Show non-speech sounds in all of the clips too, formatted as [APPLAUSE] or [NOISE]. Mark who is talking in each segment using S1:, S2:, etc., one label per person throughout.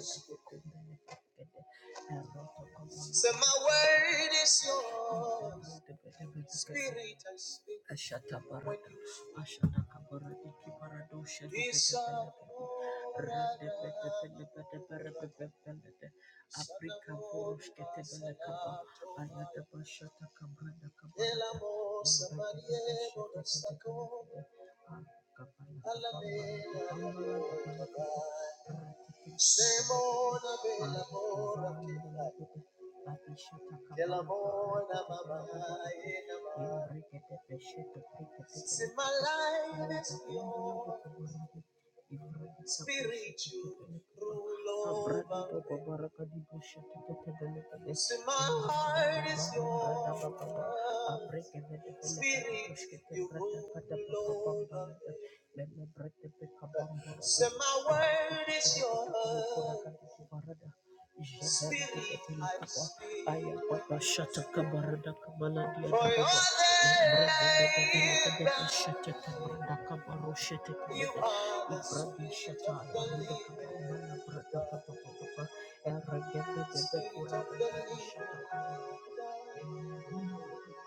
S1: speak. Ashata barada. Ashata kabarada. Kibarado. Shada. Bashata Kabrada Kapala, me. For your name, you are the Spirit of the living, Spirit of the living God.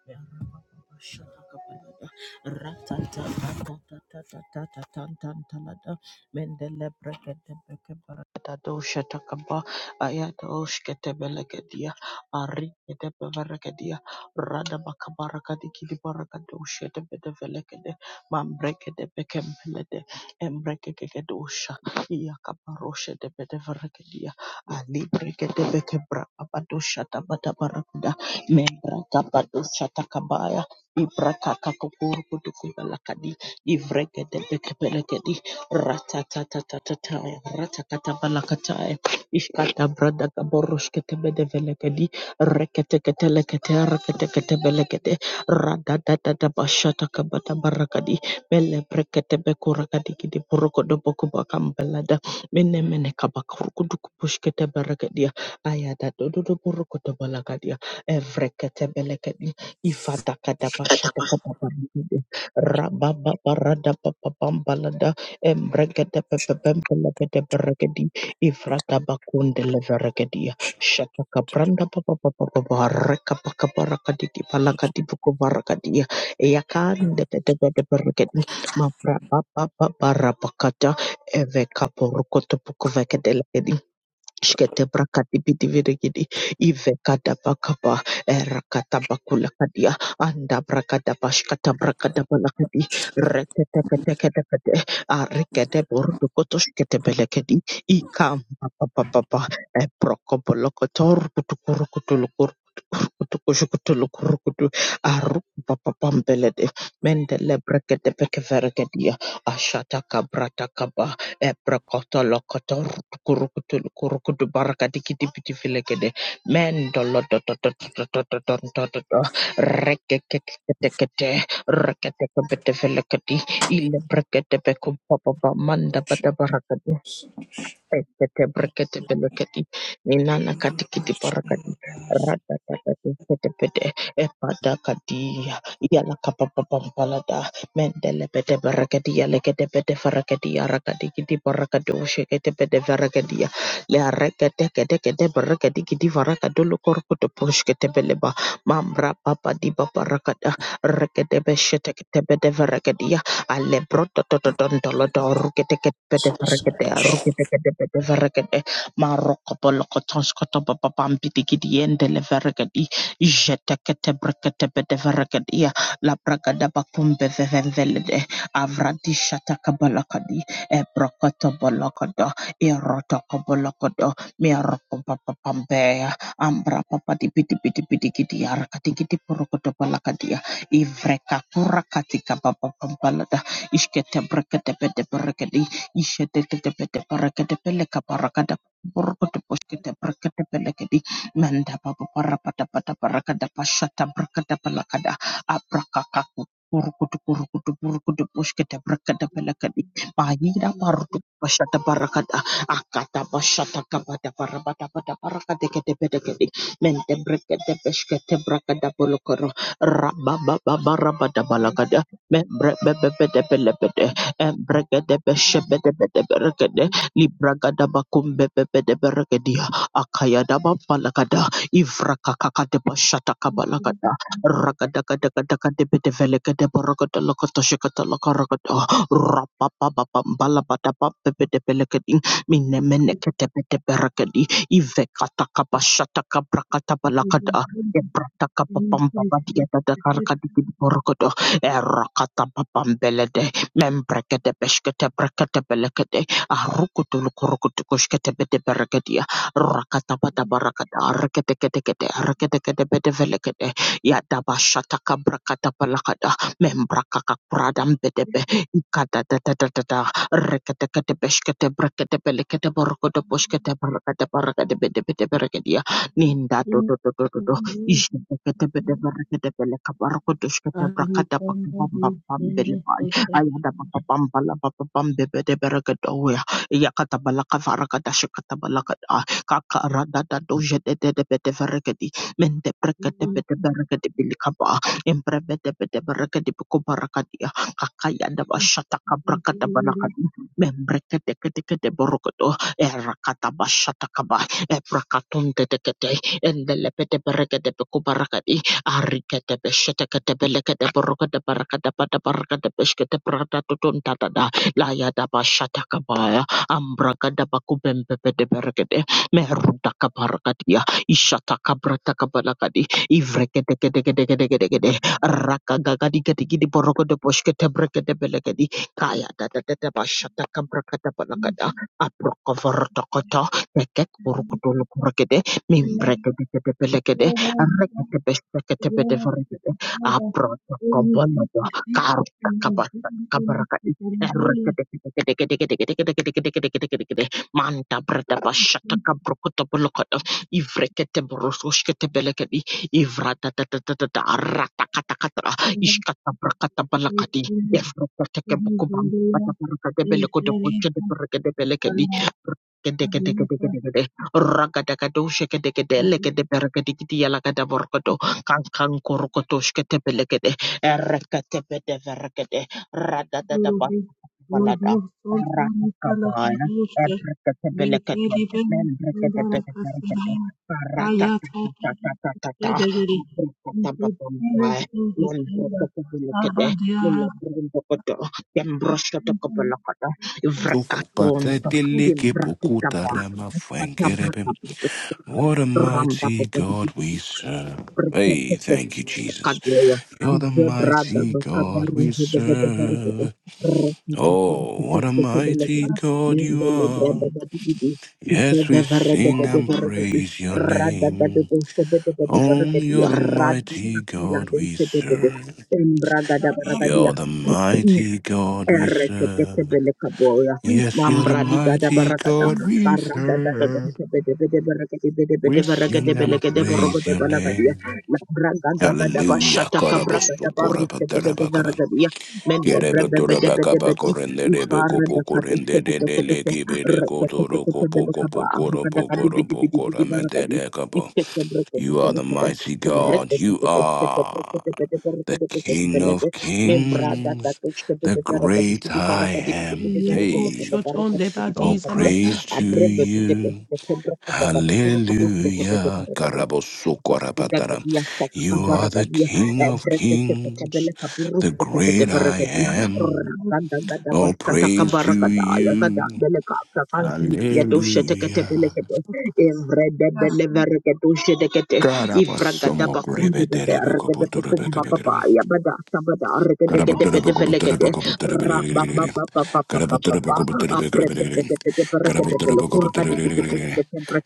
S1: Rata membrata badosha takabaya ibrata kakukuru kutukuba lakadi ivregede bekebelegedi ratatatataya ratakatabalakataya ishkata brada gaboroshketebedevelegedi reketeketelekete reketeketebelegede radadadadabashatakabatabararakadi melebreketebekurakadigidi borokodobokobakambelada menemenekabakurukudukubushketeberekedia ayadadododoborokotobalaga Evreketebelekedi, ifatakadabashadakadabarakede, rabababaradababambalada, embregedepepepepelepedebrekedi, ifratabakundelevrekedia, shatakabrandabababababarekapakabarakadikipalakadibukubarakadia, eyakandedebedebrekedi, mabrababababarabakata, evekaporokotopukuvekede Shkete brakati bidi virigidi ive kada bakaba erakata bakula kadia anda brakada bashkata brakada balakadi rekete kete kete kete arikete borudu koto shkete belekedi ikam papa papa e proko bolokotor kutukuru Kutukushukutu lukurukutu aruba papampelede mendele brekete pekeverekedia ashata kabrata kaba ebrakota lokota rukurukutu lukurukutu barakadikiti pitivilekede mendolo dodododododododododododo rekekeketekete reketekebetevelekedi ile brekete pekum papapa manda bada barakadi Ekete
S2: Choosing
S1: brekete beleketi inana katikiti parakati rata tata tete pete epada kadia yala kapapapampalada mendele pete bereketi yale kete pete farakati yarakati kiti parakati ushekete pete vereketi ya le rekete kete kete bereketi kiti farakati lukorkuto pushkete beleba mamra papa di parakata rekete beshete kete pete vereketi Alebroto Totondolodo, Ruketek Peteverkete, Ruketek Peteverkete, Marocopolocotonscotopam Pitigidi and Deleverketi, Jetekete Brekete Peteverketia, La Alebrotototontolodo, ruketeketepeteferekete, ruketeketepeteferekete, marokopolokotonskotopapapampitikidiendeleferekedi, jeteketebreketepeteferekedia, labragadabakumbevevemvelede, avradishatakabalakadi, ebrokotobolokodo, irotokobolokodo, mirokopapapambeya, ambrapapatipitipitipidikidiarakatikidiporokotopalakadia, ivreka kurakatika Ishkete brekete pete brekete. Ishete tete pete brekete peleka barakada. Borkote poshkete brekete pelekedi. Manda babu parapata pata barakada pashata brekete pelakada. Abrakakaku. Burukutu burukutu burukutu poshkete brekete pelekedi. Bahira
S3: Thank
S1: barutu pashata barakada. Akata pashata kabata parabata pata barakade kete pete kedi. Mente brekete peshkete brekete polokoro. Rabba barabada
S3: you.
S1: balakada. Ibrata kapapamba badia dada karaka dikidi borokodo Erakata papambelede. Membrekete beshkete brekete belekete. Arukutu lukurukutu kushkete bete berekedia. Rakata bata barakata. Rekete kete kete. Rekete kete bete velekete. Yadaba shataka brakata palakata. Membrakaka pradam bedebe. Ikata da da da da da. Rekete kete beshkete brekete belekete barokoto poshkete barakata barakate bete bete berekedia. Ninda do do do do do do. Membrekete kete kete borokoto Erakata bashata kaba, ebrakatum dedekete, and the lepete baraka de kubarakati arika de beshetaka de beleka de baroka de baraka de pata baraka de beshkete prata tutun tatada laya da bashataka baya ambraka de bakubembe de berekete meruda kabarakatia ishataka brata kabalakadi ivreke de de de de de de de raka gagadi gadi gidi boroko Endelepetepereketepekoparakati, ariketepeseteketepereketeperoketepereketepeseketeperatatotontatada, layadabashatakabaya, ambrakadabakubempepeteperekete, merudakaparakatia, ishatakabratakabadakadi, ivreketeketeketeketekete, rakagagadigedigidiborokoteposhketebreketepelegedi, kayadadadadabashatakabrakatabadakada, aprokovorotokota, Nekek buruk dulu kurang Mimbrekedekede, Rekedebeshekedebedevregede, Aprotokobonodo, Karukakabasa, Kabaraka'i, Erekedekedekedekedekedekedekedekedekedekedekedekedekedekede, Mandabredabashatakabrokotobolokota, Ivreketeborososhketebelekedi, Ivradadadadadada, Ratakatakata, Ishkatabrakatabakadi, Evreketekebokubambabadabarakadebelekodeboshedebrekadebelekedi, Rakatakato shekete lekete perekete yalakata borokoto kankan korokoto shkete belekete erekete pete verekete radatata
S3: Guru, we
S1: balada
S3: do sometimes follow
S1: ratakabaya
S3: Krishna.
S1: ebrekete
S3: We can
S1: belekete
S3: depend on
S1: membrekete
S3: the
S1: pete verekete
S3: Kasiraya. I am talking to
S1: paratatatatatatata
S3: the degree. We could feel it
S1: abrekatabatambaye
S3: through the chamber.
S1: membrekete belekete
S3: Ah, dear.
S1: Lembrokoto, Tembrosoto Kopolokota,
S4: Tuku
S1: Vrakatonto,
S4: pateleke pokuta
S1: Radica,
S4: What a mighty God we serve. Hey, thank you, Jesus. You're the mighty God we serve. Oh, what a mighty God you are. Yes, we sing and praise your name. Oh, you're the mighty God we serve. You're the mighty God we serve.
S1: Erekekebelekaboya,
S4: Yes, you're the
S1: Mambra di Gada
S4: mighty
S1: Baragada,
S4: God we
S1: Barada Gada
S4: serve.
S1: Bede Bede Beregade Bede Bede
S4: We
S1: Beregade
S4: sing and
S1: Belegade
S4: praise
S1: Borogodo
S4: your
S1: Balagadia,
S4: name.
S1: Labraga Gada
S4: Hallelujah.
S1: Bashata Cabraga da
S4: Karabosu
S1: Barusha de
S4: korabatarabakaba.
S1: Veragadia, Mende
S4: Kerebe
S1: Brebe Bede Bede
S4: torabakaba
S1: Bedi,
S4: korenderebe
S1: Ivara da
S4: kopo
S1: Cadete,
S4: korendedele kibere kotoro kopo
S1: Rekekebelekaba,
S4: kopo koropo
S1: Rekadakadi Bidi
S4: koropo
S1: Bidi Bidi Baragadi,
S4: koramedere kapo.
S1: Ikeke
S4: You are the
S1: Brekebelekaba,
S4: mighty God. You
S1: Rekekebelekaba,
S4: are
S1: Rekekebelekaba,
S4: the King
S1: Rekekebelekaba,
S4: of
S1: membrada da
S4: kings,
S1: texta de
S4: the
S1: de baraka de
S4: great
S1: tibi
S4: I
S1: baraka de
S4: am.
S1: tibi de baraka de tibi
S4: Hey,
S1: baraka de tibi
S4: all
S1: baraka de
S4: praise to
S1: abre de tibi de
S4: you.
S1: de compra da da da puro de baraka de puro de tibi de
S4: Hallelujah.
S1: baraka Gagadia,
S4: Karabosokorabadara.
S1: Takabaragadia,
S4: You are the King of Kings, the great I am. All praise to you. Hallelujah. Karabasomokorebeterebekopotorebekebekerebe. Got
S1: Rabba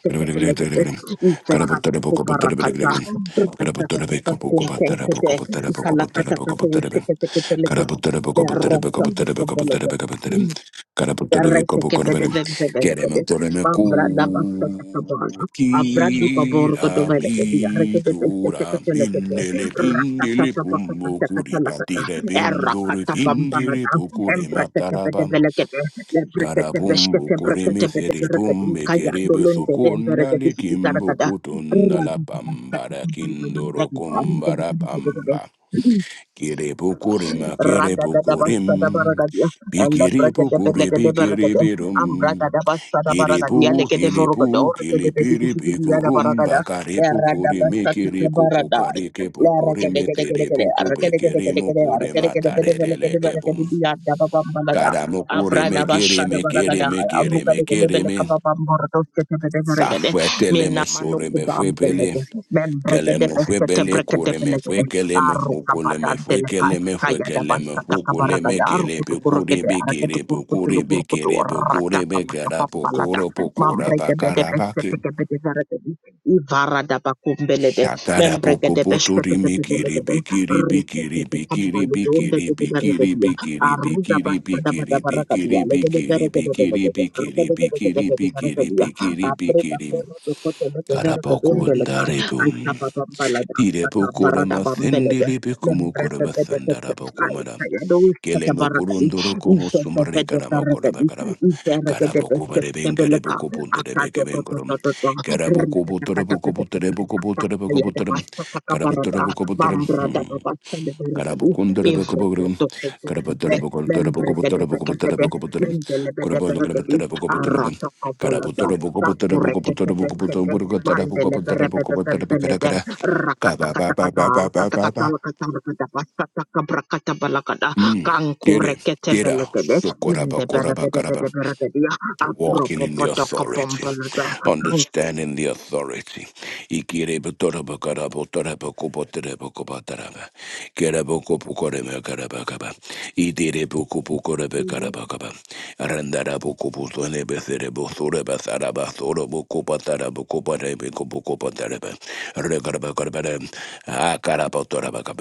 S1: Izekatukubarakata. Rakatakatakuntenkete. Ikalakatakata. Iseketeketeleke.
S4: Caraputere poco putere poco putere poco putere
S1: Lerasakukubolodo.
S4: poco putere Caraputere poco poco putere. Queremos torreme cu. Kira mi kura minele pindele pumbo kuri patire pinguri pingiri pukuri matarabam karabumbu kuri misiri pumbe kiribu sukuna likimbo kutunda la pambara kindoro kumbara
S1: Rakata
S4: pamba Kiri pukurima kiri pukurim.
S1: Ragadadabasadabaragadya,
S4: Bikiri pukuri bikiri
S1: Elebragadabelegadebaragada,
S4: birum. Kiri
S1: Ambragadabasadabaragadia,
S4: pu tili pu kili piri pikurum.
S1: Lekedevorogodorgedebedibidibidiyadabaragada,
S4: Bakari pukuri mikiri
S1: Leradabasatakabaradai,
S4: kupukari ke pukuri mitiri
S1: Leragadegadegade,
S4: puku pikiri
S1: Aragadegadegade,
S4: mukuri matarelele kebum.
S1: Aragadegadebedebelekedebaragadibiyadababambalada,
S4: Karamukuri mikiri mikiri
S1: Abradabashadabaragada,
S4: mikiri mikiri mi.
S1: Arugadegedebelekababamborodosketebedebaragade,
S4: Safwetele musurime fwepele.
S1: Menamanukubaambelede,
S4: Kele me fue bele kore me
S1: Membregadebesketebrekadebelegede,
S4: fue kele me fue kole me fue
S1: arukabadantelekai
S4: kele me fue kele me fue kole me
S1: kayadabasatakabaragada
S4: kele pe kore
S1: arukutukurukede
S4: be kere pe kore be
S1: araketukurukutukurukutu
S4: kere pe kore be kera po
S1: ratakapakapambalada
S4: koro po kora pa kara pa ke
S1: mambregebedebesetekebedezaradedi ivaradabakumbelede
S4: shakara po ko po to ri me kiri
S1: membregedebeseteketebelegede
S4: be kiri be kiri be kiri be kiri be kiri
S1: reketekekambaludondededebaragedia
S4: be kiri be kiri be kiri be
S1: arudabasadabadaragadia
S4: kiri be kiri be kiri
S1: legedeberegedebelegede
S4: be kiri be kiri be kiri
S1: rkedegedegedebedezaragadia
S4: be kiri be kiri
S1: abrebaborodokotolekeveregedondelekai
S4: karapokunda Tirepokora
S1: Barada Bambelebe,
S4: masendele pekumu
S1: Lembrete
S4: koraba
S1: Bedekete,
S4: sandara pokumara.
S1: Ayados,
S4: Kele
S1: Catabaragadi,
S4: mokurundoro como sumbre
S1: Isabede
S4: karama koraba
S1: Baragadi,
S4: karaba.
S1: Isabede
S4: Karaboku bareben
S1: Bestebeleka,
S4: kareboko puntere
S1: Akado
S4: beke
S1: Toto,
S4: benkorum. Karaboku
S1: Rita
S4: butora boko butere boko butere boko butere. Karabutere
S1: Cabarada,
S4: boko
S1: Mambrada
S4: butere.
S1: Babasta de Bergadi, Evrete
S4: Karabukundarabakuburum,
S1: Toto Bembe, de Becabede,
S4: Karabatarabakubutarabakubutarabakubutarabakubutarum,
S1: Mendelebede Bergadi,
S4: Kurabonograbatarabakubutarabam,
S1: Arata Cabalada, Takurekete Mandele Berebebe
S4: Karabutarabakubutarabakubutarabakubutarabakubutarabakubutarabakarakara, Kabababababababa. Mm, Get it, get out. Sokorabakorabakaraba. walking in the authority,
S1: Rakatakatakata
S4: understanding the authority. Ikirebotorobokarabotorobokoboterebokobotaraba. Kerebokopokoremekarabakaba. Iterebokopokorebekarabakaba. Arandarabokopotonebeserebosorebasarabasorobokopatarabokopatarebekopotareba um,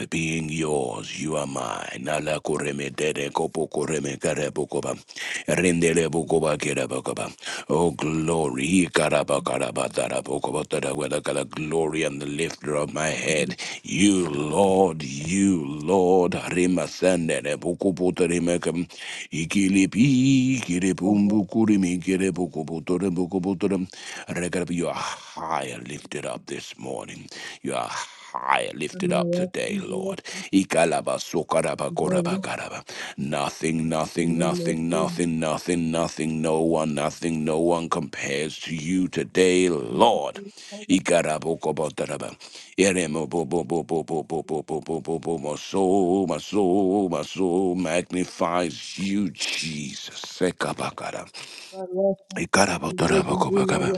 S4: being yours, you are mine. Ala koreme dede kopo koreme karebokoba. Rendele bokoba kerabokoba. Oh, glory. Ikarabakarabatarabokobotarawelakala, Glory and the lifter of my head. You, Lord, you, Lord. Rimasende bokopotaremekam. Ikilipi, kiripumbukurimi, kiripukuputorembukuputorem. Rekab, You are higher lifted up this morning. You are higher lifted up today, Lord. Ikalaba, sokaraba, koraba, karaba. Nothing, nothing, nothing, nothing, nothing, nothing, no one, nothing, no one compares to you today, Lord. Ikarabo, Yere mo bo bo bo bo bo bo bo bo bo bo bo my soul, my soul, my soul magnifies you, Jesus. Sekabakara. Ikarabotorobokobokobo.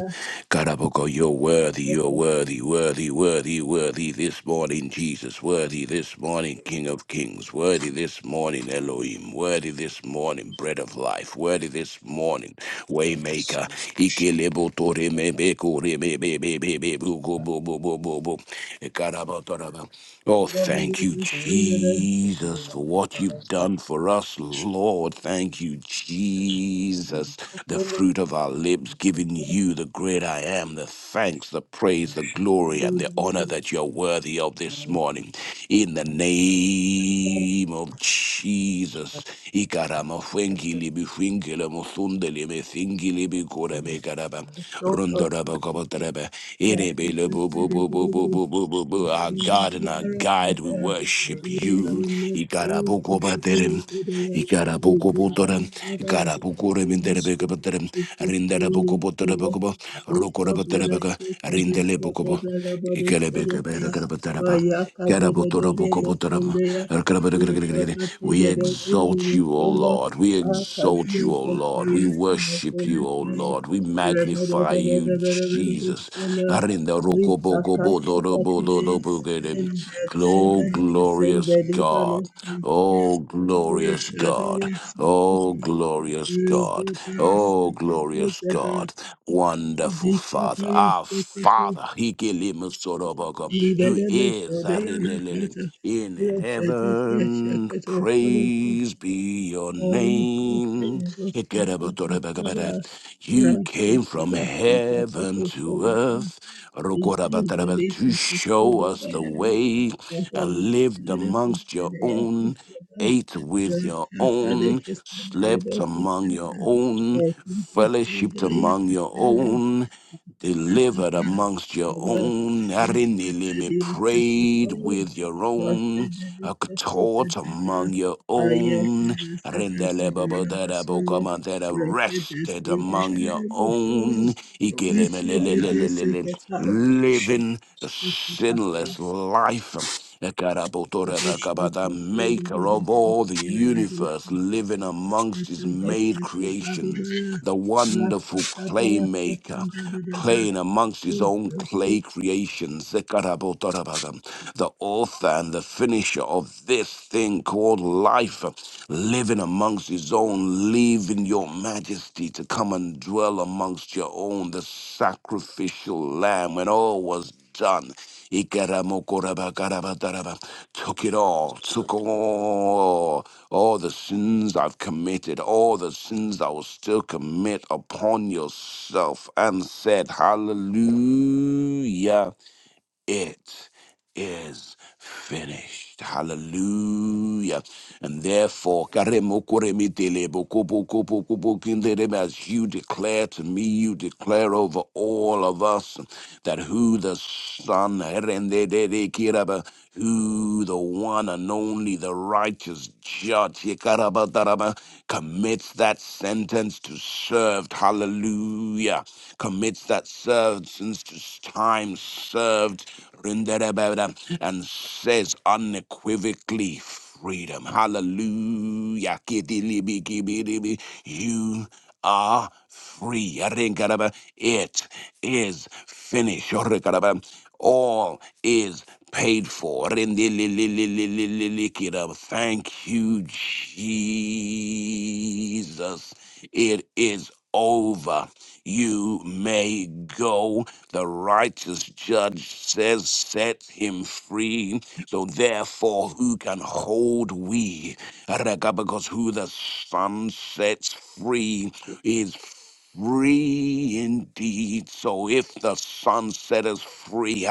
S4: Karaboko, you're worthy, you're worthy, worthy, worthy, worthy this morning, Jesus. Worthy this morning, King of Kings. Worthy this morning, Elohim. Worthy this morning, Bread of Life. Worthy this morning, Waymaker. Ikelebotoremebekoremebebebebebukobobobobo. Oh, thank you, Jesus, for what you've done for us, Lord. Thank you, Jesus. The fruit of our lips giving you the great I am, the thanks, the praise, the glory, and the honor that you're worthy of this morning. In the name name of Jesus. Ikarama fwengili bifwingile musundele mesingili bikore mekaraba. Rondoraba kabataraba. Erebele bu bu bu bu bu
S3: Yes,
S4: bu bu bu bu. Our
S3: Thank
S4: God and our guide, we worship you. Ikarabu kobaterem. Ikarabokobotoran, Ikarabokorem in Derebekabaterem, Rindarabokobotorabokobo, Rokorabaterabaka, Rindelebukobo, Ikelebekabateraba, Karabotorobokobotorama, Erkarabaregregregre. We exalt you, O Lord. We exalt you, O Lord. We worship you, O
S3: you.
S4: Lord. We magnify you, Jesus. Arinda rokobokobotorobodorobogere. Oh, glorious God. Oh, glorious God. Oh, glorious God. Oh, glorious God. Wonderful Father. Our Father. Hikilimusorobogo, Who is Arinelele in heaven. Praise be your name. You came
S3: Rashika
S4: from
S3: Dasika Pato
S4: heaven to
S3: Solomon.
S4: earth
S3: Thank you.
S4: to show us the way and lived amongst your own. Ate with your own, slept among your own, fellowshiped among your own delivered amongst your own. Arinilimi prayed with your own, uh, taught among your own. Rindelebabodarabokamantera, Rested among your own. Ikelemelelelelelele, Living a
S3: Thank
S4: sinless life the maker of all the universe, living amongst his made creations, the wonderful playmaker, playing amongst his own
S3: you.
S4: clay creations, the author and the finisher of this thing called life, living amongst his own, leaving your majesty to come and dwell amongst your own, the sacrificial lamb, when all was done. Ikaramokorabakaravatarava. Took it all, took all, all the sins I've committed, all the sins I will still commit upon yourself, and said, Hallelujah it is finished. Hallelujah. And therefore, as you declare to me, you declare over all of us that who the Son, who the one and only, the righteous judge, commits that sentence to serve. Hallelujah commits that served since his time served rinderabada, and says unequivocally freedom. Hallelujah. Kidilibikibidibi. You are free. Arinkaraba. It is finished. Orikaraba. All is paid for. Rindililililililikiraba. Thank you, Jesus. It is over. You may go. The righteous judge says, "Set him free." So, therefore, who can hold me? Because who the sun sets free is free indeed. So, if the sun set us free,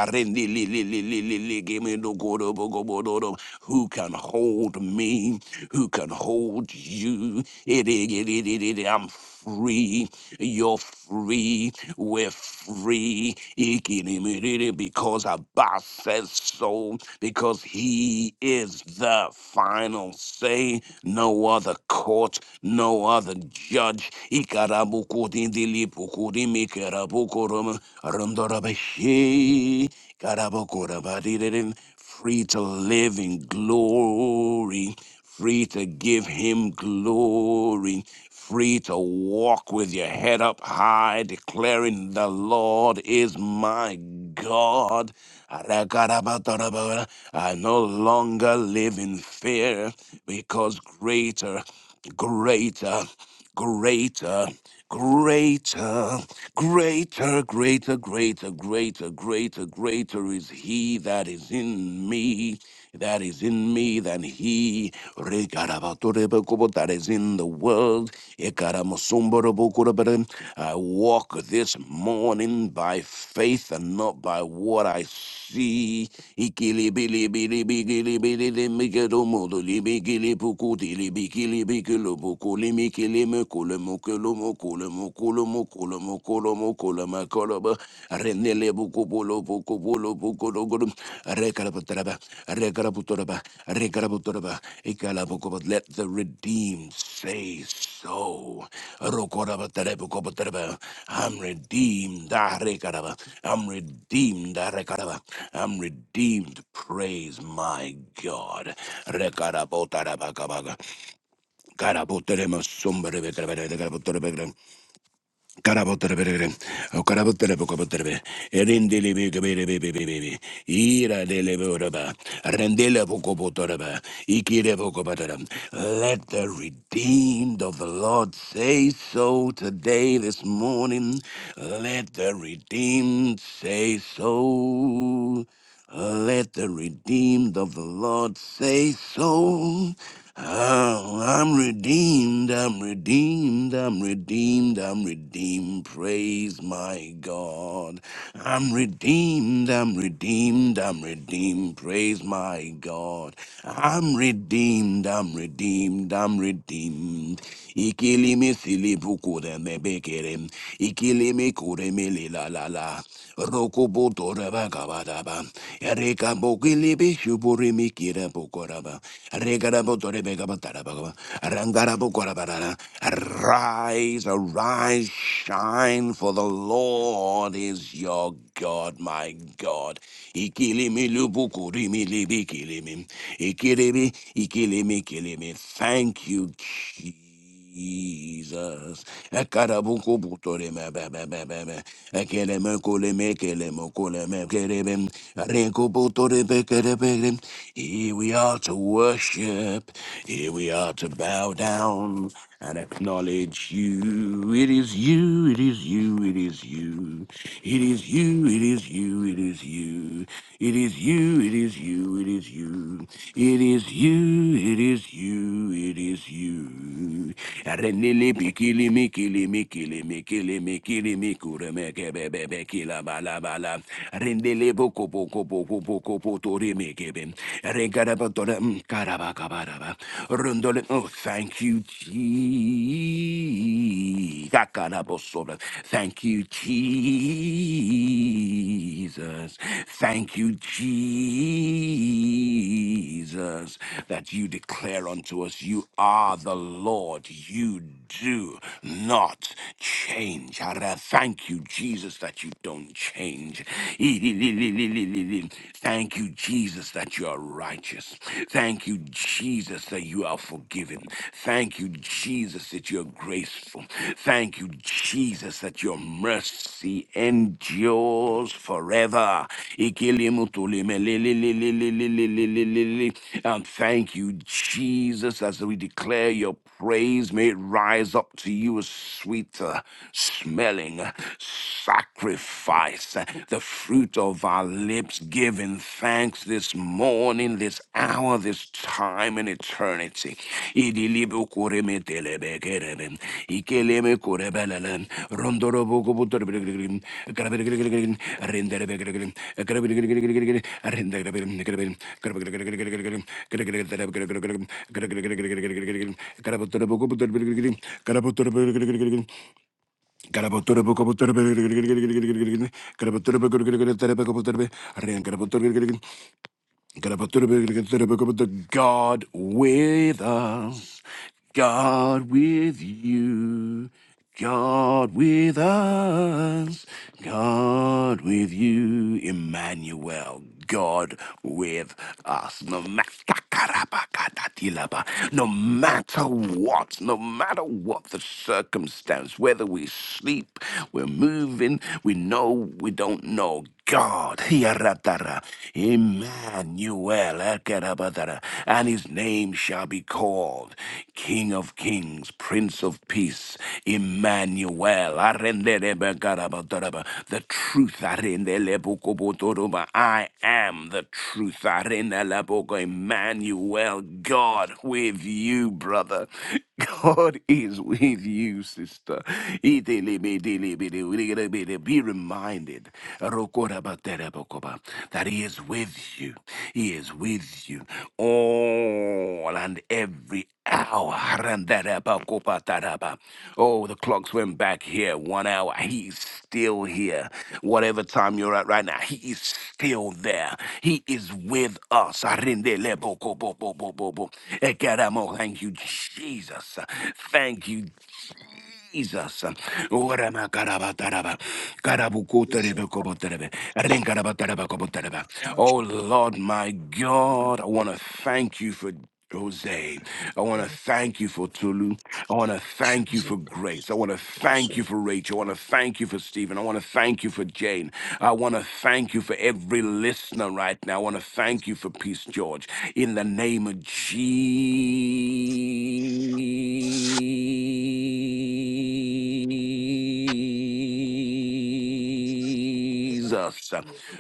S4: who can hold me? Who can hold you? I'm free. You're free. We're free. Ikinimiriri, Because Abba says so. Because he is the final say. No other court, no other judge. Ikarabukurindilipukudimikerabukurum, rumdorabashi, karabukurabadididim. Free to live in glory free to give him glory free to walk with your head up high, declaring, The Lord is my God. I no longer live in fear because greater, greater, greater, greater, greater, greater, greater, greater, greater, greater is He that is in me that is in me than he Rigarabatorebokobo, that is in the world. Ikaramusumbarabukurabara. I walk this morning by faith and not by what I see. Ikilibili Guru, Rekarapataraba, Rekaraputoraba, Rekaraputoraba, Ikalabukobot, Let the redeemed say so. Rokorabatarabukobotaba, I'm redeemed. ah, Rekaraba, I'm redeemed. ah, Rekaraba, I'm redeemed. Praise my God. Rekarabotarabakabaga. Karaboterema somberebe Karabotere, O Karabotere, Bokobotere, Erindele, Baby, Ira de Levoraba, Rendele, Bokobotoraba, Ikire, Bokobatara. Let the redeemed of the Lord say so today, this morning. Let the redeemed say so. Let the redeemed of the Lord say so. Oh, I'm redeemed, I'm redeemed, I'm redeemed, I'm redeemed. Praise my God. I'm redeemed, I'm redeemed, I'm redeemed. Praise my God. I'm redeemed, I'm redeemed, I'm redeemed. Ikilimi silibuku de mebekerem. Ikilimi kuremele la la la. Rokubuto rabakabadaba. Erika bokilibi shuburimi kira bukoraba. Rekaraboto rebekabatarabakaba. Rangarabokorabarara. Arise, arise, shine, for the Lord is your God, my God. Ikilimi lubuku rimi libi kilimi. Ikilimi, ikilimi, kilimi. Thank you, Jesus. Jesus. Ekarabuku butore me be be be be be. Ekele me kule me kele me kule me kele me. Reku butore be kele be be. Here we are to worship. Here we are to bow down and acknowledge you. It is you, it is you, it is you. It is you, it is you, it is you. It is you, it is you, it is you. It is you, it is you, it is you. Arenele bikili mikili mikili mikili mikili mikure meke bebe bekila bala bala. Rendele boko boko boko boko poto remeke bem. Regarabatoram Kabakabaraba. Rundole. Oh, thank you, Jesus. Kakarabosobra. Thank you, Jesus. Thank you, Jesus, that you declare unto us, You are the Lord. You do not change. Ara, Thank you, Jesus, that you don't change. Thank Thank you, Jesus, that you are righteous. Thank you, Jesus, that you are forgiven. Thank you, Jesus, that you're graceful. Thank you, Jesus, that your mercy endures forever. Ikilimutulimelelelelelelelelelele. And thank you, Jesus, as we declare your praise may it rise up to you as sweeter smelling sacrifice the fruit of our lips, giving thanks this morning, this hour, this time, and eternity. God with us, God with you, God with us, God with you, Emmanuel, God with us. Karabakadatilaba. No matter what, no matter what the circumstance, whether we sleep, we're moving, we know, we don't know. God, Hiaratara, Emmanuel, Ekerabatara, and his name shall be called King of Kings, Prince of Peace, Emmanuel well. Arenderebekarabadoraba. The truth. Arendelebokobotoroba. I am the truth. Arendeleboko. Emmanuel, God with you, brother. God is with you, sister. Be reminded Rokorabaterebokoba, that He is with you. He is with you all and every hour. Oh, the clocks went back here one hour. He's still here. Whatever time you're at right now, he is still there. He is with us. Arindelebokobobobobo. Thank you, Jesus. Thank you. Jesus. Ora ma karaba taraba. Karabu kuterebe koboterebe. Renkaraba taraba koboterebe. Oh Lord, my God, I want to thank you for Jose. I want to thank you for Tulu. I want to thank you for Grace. I want to thank you for Rachel. I want to thank you for Stephen. I want to thank you for Jane. I want to thank you for every listener right now. I want to thank you for Peace George. In the name of Jesus. Jesus.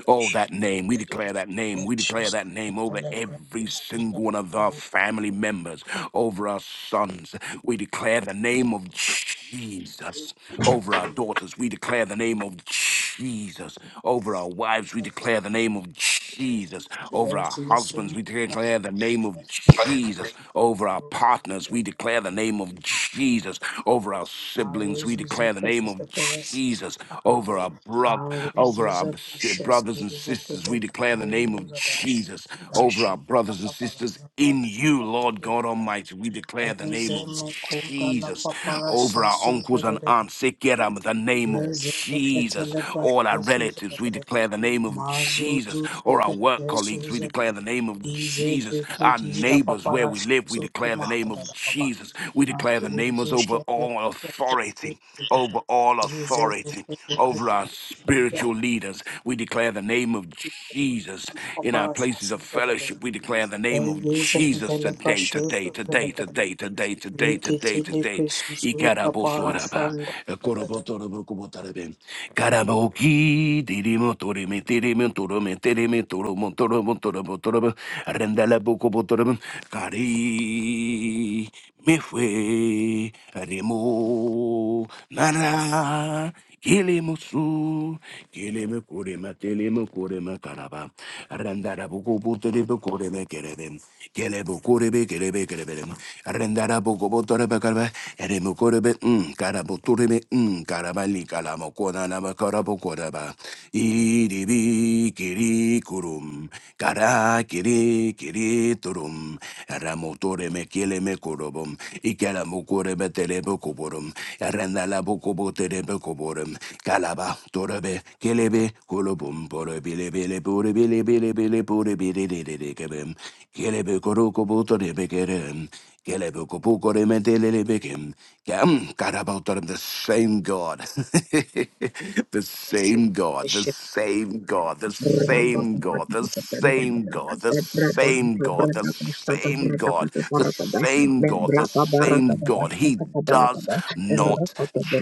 S4: Oh, that name. We declare that name. We declare
S2: precious
S4: that name over
S2: little
S4: every
S2: precious of
S4: single one of our
S2: hold
S4: family members, over our sons. We declare the name of Jesus over our daughters. We declare the name of Jesus over our wives. We declare the name of Jesus over our
S2: there's
S4: husbands.
S2: listen
S4: We declare the name of Jesus over our partners. We declare the name of Jesus over our siblings. We
S2: Maros a
S4: declare the name of
S2: cataperes
S4: Jesus over our brother,
S2: Aros
S4: over
S2: was
S4: our
S2: a
S4: si-
S2: precious
S4: brothers and
S2: was a
S4: sisters. We
S2: good
S4: declare the name
S2: hold
S4: of
S2: da da da da
S4: Jesus over
S2: Rasha
S4: our
S2: la
S4: brothers and
S2: papa
S4: sisters in you, Lord God Almighty. We declare the name of
S2: Rezema koda la
S4: Jesus
S2: papa
S4: over
S2: rasha
S4: our
S2: su da
S4: uncles
S2: da
S4: and
S2: da
S4: aunts. Sekeram, The name of
S2: Rezema
S4: Jesus
S2: catele
S4: all our
S2: precious
S4: relatives. We declare the name of Jesus,
S2: Mazuzuza
S4: or our work colleagues. We
S2: Pepesuza
S4: declare the name of
S2: Ize
S4: Jesus, our
S2: Brigidi La
S4: neighbors where
S2: Papara
S4: we live. We
S2: Suza
S4: declare the name
S2: Mahada
S4: of
S2: La Papa
S4: Jesus. We declare the name is
S2: Mazuzu
S4: over
S2: Shepe
S4: all authority,
S2: Pepesuza
S4: over all
S2: Ize
S4: authority, over
S2: Brigidi
S4: our spiritual leaders. We declare the name of Jesus in our
S2: Papara
S4: places of
S2: Suza
S4: fellowship. We declare the name of
S2: Elvisa
S4: Jesus
S2: Pepele
S4: today,
S2: Pashu
S4: today, today,
S2: Suza
S4: today, today, today, today, today.
S2: Rikiti Lipri Suza
S4: today
S2: Bara
S4: toraba,
S2: Shanda Mazuzu
S4: korobotorobo kubotarebe, karaboki, dirimo torime, tirime, torome, tirime, toromo, toromo, torobo, torobo, rendala bokobotorobo, kari, me fue, remo, nara, Kilimusu, Kilimukurima, Kilimukurima Karaba, Randarabukubuteribukurime Kerebim, Kelebukuribi, Kerebe Kerebim, Randarabukubuteribakaraba, Erimukuribi, M, Karabuturibi, M, Karabali Kalamokona Namakarabukuraba, Iribi Kirikurum, Kara Kiri Kiriturum, Ramuturime Kilimikurum, Ikalamukurebe Telebukurum, Randalabukubuteribukurum, borum, kalaba, dorobe, kelebe, kulubum, boro bile bile bore bile bile bile bore bile bile bile kebem, kelebe koruko buto rebe kerem, kelebe kopuko remetele bekem, kem, karabautorum, the same God, [LAUGHS] the same God, the same God, the
S1: Thank
S4: same God, the same God, the same God, the same God, the same God, the same God. He does not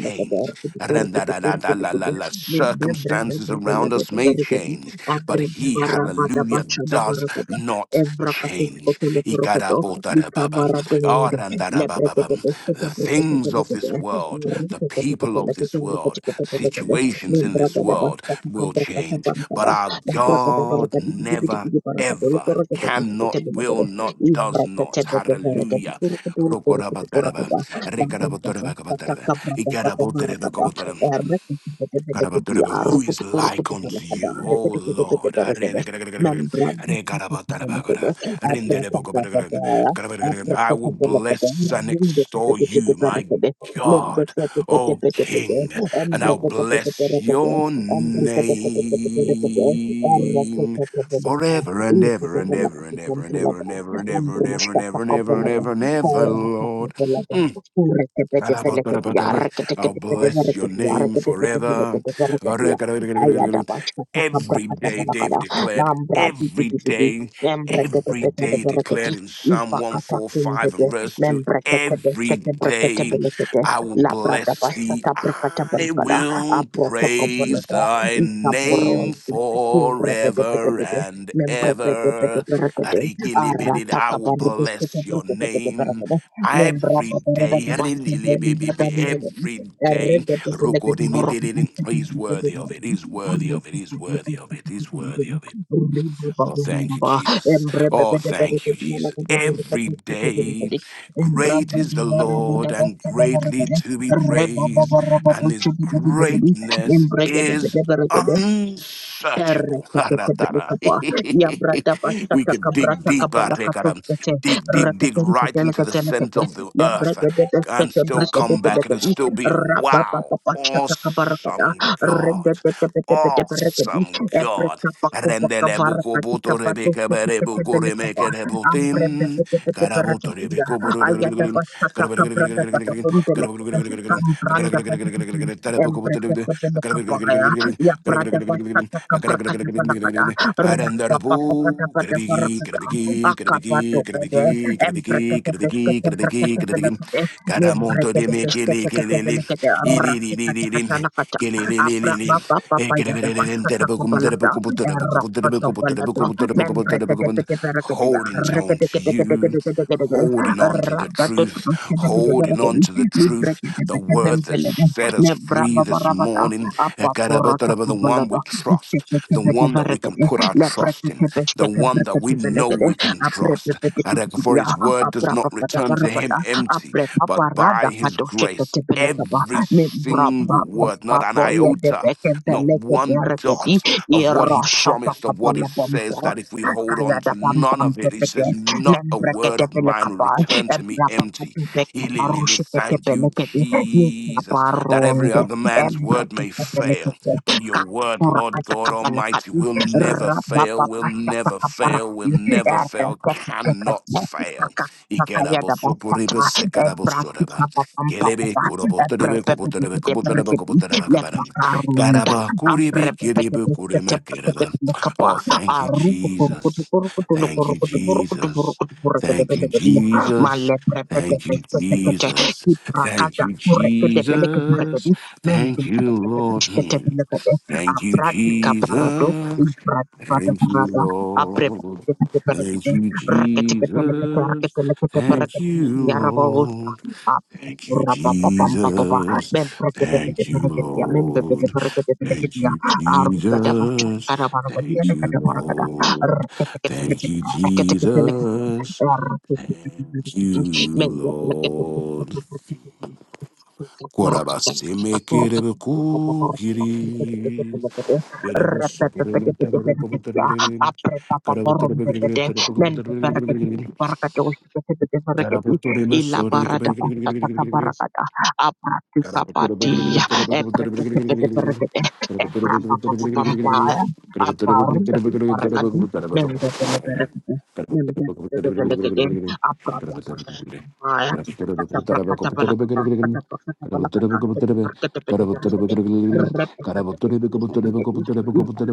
S4: change. Randa-da-da-da-la-la-la. Circumstances around us may change, but He, hallelujah, does not change. Ikarabotarababa. Ah, randarabababa. The things of this world, the people of this world, situations in this world will change,
S1: you.
S4: but our
S1: Membran
S4: God never ever cannot, will not, does not. Hallelujah. Rokorabataraba, rekarabotorebakabataraba, ikarabotorebakabotaraba. Karabataraba, Who is like unto you, O Lord?
S1: Ayada
S4: I will bless and extol you, my God, O King, and I'll bless your name forever and ever and ever and ever and ever and ever and ever and ever and ever and ever and ever, Lord. Mm. I'll bless your name forever.
S1: bashka
S4: Every
S1: sakabrakata
S4: day, David
S1: balakala.
S4: declared,
S1: Nambra di di
S4: every
S1: di di di.
S4: day,
S1: Nambra kete
S4: every
S1: pete
S4: day
S1: de
S4: declared in Psalm 145
S1: ifakatakimbebe
S4: and verse 2
S1: membreketebe
S4: every day
S1: tekebreketebelegede
S4: I will bless thee. I
S1: labradabashatabrakatabalgada
S4: will praise
S1: abrotokobolodo
S4: thy name
S1: isaboronzi
S4: forever
S1: kimbrebedebedebede
S4: and ever.
S1: membrebedebedeberegede
S4: Arikilibidid, I will bless your name.
S1: aratakabaribestekebrekedebedeberegede
S4: Every day, really, baby, baby, every
S1: membrababaradabasabrenenadaneregede
S4: day, Rokodimidididi. he's worthy of it. He's worthy of it. He's worthy of it. He's worthy of it. Oh, thank you,
S1: erregedebelegedeborokobatekebrekedeberegede
S4: Jesus. Oh, thank you, Jesus. Every day, great is the Lord and greatly to be praised, and his greatness is
S1: Embrace
S4: unsearchable. [LAUGHS] Haratara.
S1: Ereketeketelekapa,
S4: [LAUGHS] we could dig deep, Arekara.
S1: yabradabasatakabratakabalakatosete,
S4: dig, dig, dig right into the
S1: reketenketelekatelekete,
S4: center of the earth and still come back. It'll
S1: lebregededesetebrekadedelekedi,
S4: still be wow,
S1: rapapapapashatakabarakada,
S4: awesome God,
S1: rededededededeberekedi,
S4: awesome God. Rendele buko buto rebeke bere buko
S1: ebretapakovakavarakatikabadoseteketelekapa,
S4: remeke rebotim. Karabuto
S1: ambrebededededeberekediya,
S4: rebeko buru- Kare biki, kare biki, kare biki, kare biki, kare biki,
S1: ayadabasatakabradabatabundelekede, kambrandabadididi, embreketekelekapaya, Ya brada bashata kabrakata balakada. Rapapapapadabadabarakada. Akabado pada Embrekete
S4: kare biki,
S1: beskete
S4: kare biki,
S1: brekete
S4: kare biki.
S1: belekede.
S4: Kare moto de
S1: Nimbrekete
S4: me keli,
S1: beskete kete
S4: keli,
S1: belekede.
S4: keli, keli, keli,
S1: Rapakata
S4: keli,
S1: kata lakata.
S4: keli, keli, keli. Kare
S1: Abrapapapapayada
S4: biki, kare
S1: bashata
S4: biki, kare biki, kare biki, kare biki, kare biki, kare biki, kare biki.
S1: kabalada.
S4: Kare moto de me keli, keli, keli, keli, keli,
S1: Erapata
S4: keli, keli,
S1: balada.
S4: keli
S1: Membrekete bede berekede.
S4: holding on
S1: Rekede
S4: to
S1: kete kete
S4: you,
S1: kete kete kete kete.
S4: holding on to the
S1: Rabado
S4: truth,
S1: beskete bede
S4: holding on
S1: berekede.
S4: to the truth,
S1: Librekete
S4: the
S1: beskete
S4: word that
S1: belekede.
S4: set us free this
S1: Nebrababababada.
S4: morning.
S1: Apa porota
S4: The one we
S1: kubalada.
S4: trust,
S1: Isekete
S4: the
S1: bede
S4: one that we can
S1: varagede.
S4: put our trust
S1: Lebrekete
S4: in, the
S1: beskete
S4: one that
S1: brekete
S4: we know
S1: belegede.
S4: we can
S1: Apre
S4: trust.
S1: bebe bebe bebe
S4: For
S1: ya.
S4: his word does
S1: Apra
S4: not
S1: papa da
S4: return to him
S1: barabada.
S4: empty,
S1: Apre Apaporotokobolodo, iseketebedevaregede, lebreketebesketebeketebelegede,
S4: but
S1: aprepepepepepepedia, aprapapadaparapada,
S4: by his grace
S1: aprepaparadakadosheketebelegaba,
S4: every single word, not an iota, not one
S1: membrabababoyedebekebelegederegedi,
S4: dot of what he promised, of what he says,
S1: iroshotokobolobombo,
S4: that if we hold on to
S1: Kayada pam
S4: none
S1: pam
S4: of it, he
S1: pepeke,
S4: says, not a word
S1: lembrekete
S4: of mine will
S1: pelekaba,
S4: return to me empty.
S1: ebrapapatu pekabaru
S4: Ililili,
S1: shikete
S4: Thank you,
S1: pelekete,
S4: Jesus, that every
S1: yikaparunde,
S4: other man's word may
S1: embrekete
S4: fail.
S1: pelekete,
S4: But your word,
S1: kakura
S4: Lord
S1: kata
S4: God Almighty,
S1: kabalakadi,
S4: will never fail, will
S1: rabapapasta
S4: never fail, will
S1: kakabarakadi,
S4: never fail,
S1: errekete
S4: cannot
S1: pekete,
S4: fail.
S1: kaka Makayada basata, ebrati
S4: Ikerabosoporibesekarabosoraba.
S1: papa pam papa
S4: Kelebe,
S1: pa,
S4: Kuroboterebe, Koboterebe,
S1: ebrepepepepete
S4: Koboterebe,
S1: perekedi,
S4: Koboterebe, Kabaram.
S1: lepakarunda,
S4: Karaba, Kuribi, Kiribu,
S1: ambrepepepepete
S4: kurema, Kereba.
S1: pelekaba,
S4: Oh, thank you,
S1: Arubu kurukutu
S4: Jesus.
S1: kurukutu
S4: Thank you,
S1: lukurukutu burukutu
S4: Jesus.
S1: burukutu burukutu
S4: Thank you,
S1: belekediya.
S4: Jesus.
S1: Malebre bebe
S4: Thank you,
S1: besetekete.
S4: Jesus. Thank
S1: Ibrakada
S4: you,
S1: kurekede belekedi rekedi.
S4: Jesus.
S1: Mende
S4: Thank you,
S1: tekete
S4: Lord.
S1: tishkete
S4: Hmm.
S1: belekede.
S4: Thank you,
S1: Abradi kaparado.
S4: Jesus.
S1: Ibradi bada
S4: Thank you,
S1: barada. Abre
S4: Lord.
S1: bebe bebe
S4: Thank
S1: belekede.
S4: you,
S1: Rekete kete lekete
S4: Jesus.
S1: rekete lekete
S4: Thank you,
S1: berekede.
S4: Lord. Thank you, Jesus. Thank you, Lord. Thank you, Jesus. Thank you, Lord. Thank you, Jesus. Thank you, Lord.
S1: Thank
S4: Kora basi mekere buku kiri, kara boso kara mata boko bote kiri, kara bote bote kiri kara boko bote kiri kara bote bote maso reke bote kiri kiri kiri kiri kiri kiri kiri kiri Got up.
S1: Apa
S4: Ah, thank
S1: Thank you. Abra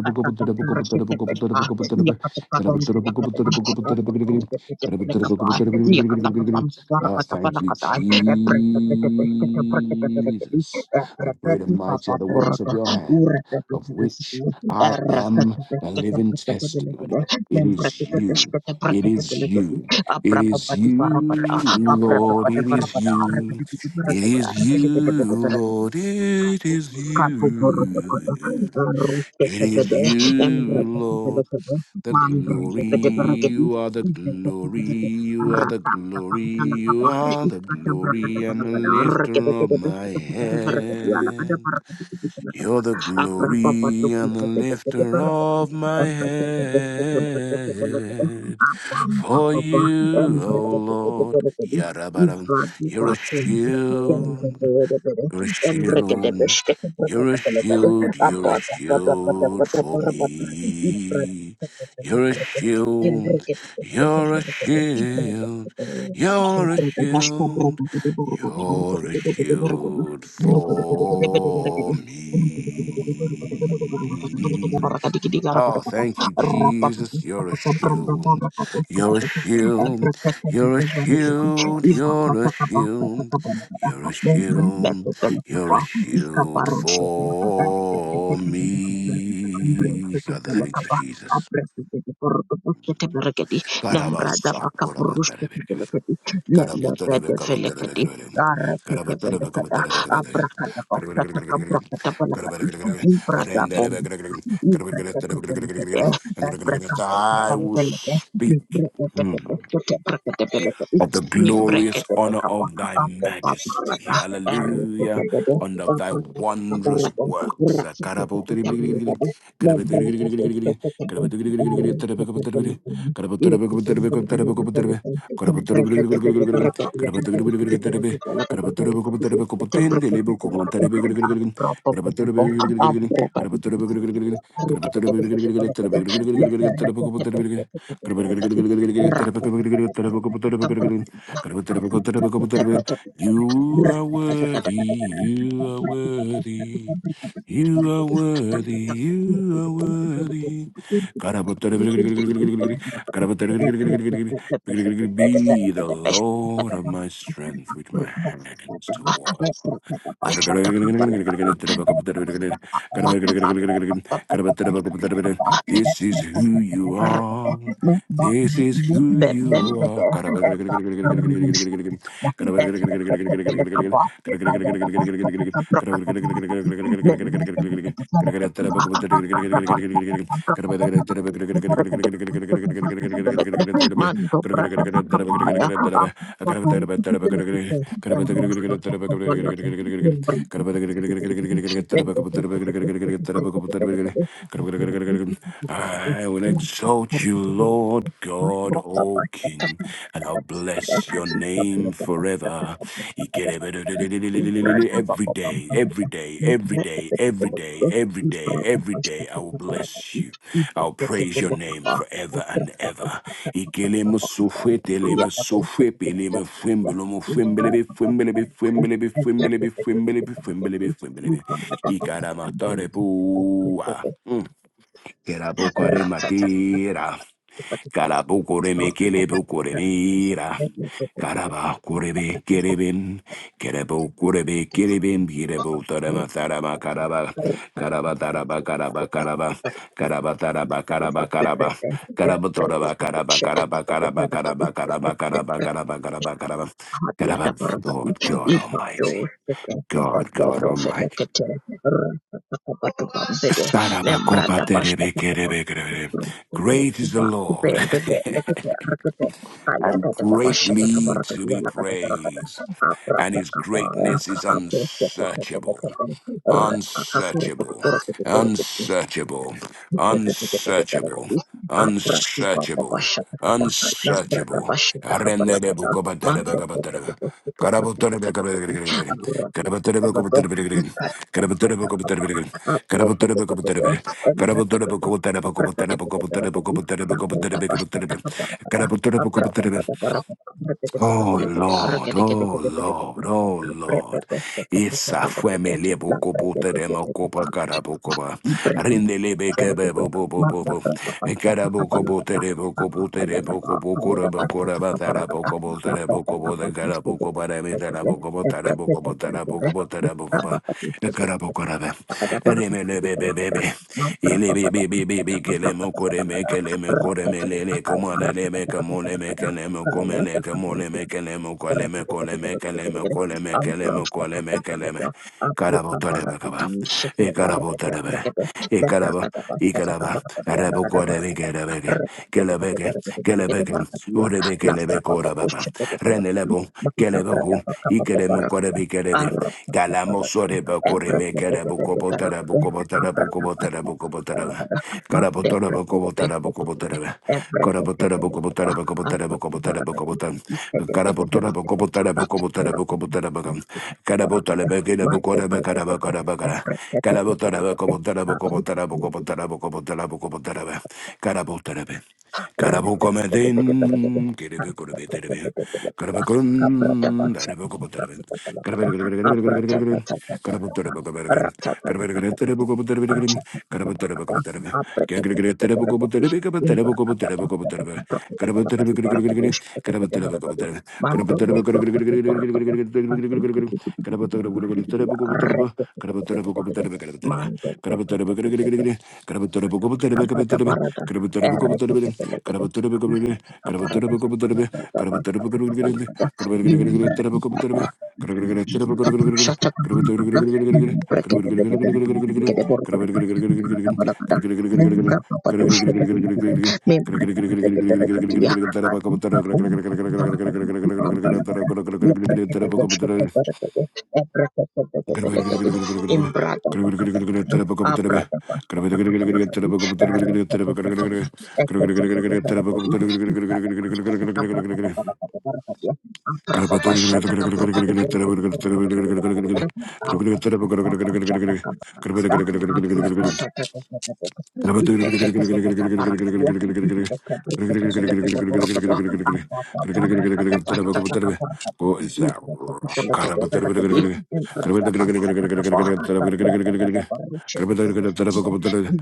S4: you, Jesus, for great and mighty are the works of your hand, of which I am a living testimony. It is you. It is you. It is you, Lord. It is you. It is you, Lord. It is
S1: Thank
S4: you. It is you, Lord. The glory, you are the glory, you are the glory, you are the glory and the lifter of my head. You're the glory and the lifter of my head. For you, O Lord, Yarabaram, you're a
S1: you. Thank
S4: shield, you're a shield, you're a shield, you're a shield for me. You're a shield, you're a shield, you're a shield. You're a shield for me. Oh,
S1: you.
S4: thank you,
S1: Abracadabra,
S4: Jesus. You're a shield. You're a shield. You're a shield. You're a shield. You're a shield. You're a shield for me. Father, thank you, Jesus. God, I about I
S1: Thank
S4: will speak of the glorious honor of thy majesty. Hallelujah. And of thy wondrous works.
S1: you. Thank
S4: [LAUGHS] You are worthy, you are worthy, you are worthy, you are worthy. Be the Lord of
S1: you.
S4: my
S1: Thank
S4: strength with my hands to war. This is who you are. This is who you are.
S1: you. Mando brada bakabaya. Apapa barikitikitikite. Erosto takabolodo. Imbrikitikitikitikite. Mende brikitikitikitikite.
S4: [LAUGHS] I will exalt you,
S1: Imbrikitikitikitikite.
S4: Lord
S1: Thank
S4: God, O King, and I'll bless your name forever. every day, every day, every day, every day, every day, every day. I will bless you. I'll praise your name forever and ever. Ikelemo Kerabukare matira.
S1: you.
S4: Karabukore me kelebukore mira. Karaba kurebe kerebim. Kerebo kurebe kerebim. Kerebo tarama tarama karaba. Karaba taraba karaba karaba. Karaba taraba karaba karaba. Karaba toraba karaba
S1: Shit.
S4: karaba karaba karaba karaba karaba karaba karaba karaba. Karaba.
S1: Hadiata Barakadi,
S4: Lord God
S1: Ipado,
S4: Almighty. God God Almighty.
S1: Felecate, Rapapatu Bambede, Membrata Pashtaka,
S4: Sarabakopaterebekerebekerebe. Great is the Lord
S1: Vendeve, Lekate, Rakate,
S4: [LAUGHS]
S1: Ayata
S4: and
S1: Pashtaka
S4: greatly
S1: Barakadi,
S4: to be
S1: Lakata Barakada,
S4: praised, and
S1: Aprata
S4: his
S1: Kabaya,
S4: greatness is
S1: Apo,
S4: unsearchable unsearchable,
S1: Rakakapuru,
S4: unsearchable,
S1: Thank
S4: unsearchable, unsearchable, unsearchable. Arenderebukobatarebekabatarebek. Karabotorebekabatarebek. Karabotorebekabatarebek. Karabotorebekabatarebek. Karabotorebekabatarebek. Karabotorebekabatarebek. Karabotorebekabatarebek. Karabotorebekabatarebek. Karabotorebekabatarebek. Oh Lord, oh Lord, oh Lord. Isa fue me lebo copo teremo copa carabo coba.
S1: you.
S4: Rinde lebe
S1: Berapa
S4: kebe bo bo bo bo bo. E carabo copo terebo copo terebo copo corabo coraba tarabo copo terebo copo de carabo copa de mi tarabo copo tarabo copo bokobo tarabokoba. Ekarabokorabe. Remelebebebebe. Ilebebebebe kelemo koreme keleme koreme lele komana leme kamole me kelemo komele kamole me kelemo koleme koleme keleme koleme kelemo koleme keleme. Karabotarebe kaba. Ekarabotarebe. Ikaraba, Ikaraba, Arabokorebekerebeke, Kelebeke, Kelebeke, Urebekerebekorababa, Renelebo, Keleboku, Ikeremukorebekerebe, Kalamosorebekoremekerebukobotarabukobotarabukobotarabukobotaraba,
S1: Thank
S4: Karabotorabukobotarabukobotaraba, Karabotorabukobotarabukobotarabukobotarabukobotarabukobotarabukobotar, Karabotorabukobotarabukobotarabukobotarabukobotarabukam, Karabotorebekerebukorebekarabakarabakarabakara,
S1: Every
S4: Gracias.
S1: Mando Abada barada, ereke tekelekele, itaka barada, abada basta kabalakada, imba itaka, kapushacha kabalakada, nembreke tekelekele, borokada basta kabalakada, nembra papatusha tekelekele, membreke tekelekele, dia, adi kapu, kabalakada, kabalakada, nembreke tekelekele, kabalakada, embreke tekelekele, imbrada kabalakada, abrada basta kabalakada, Thank
S4: Go is
S1: you.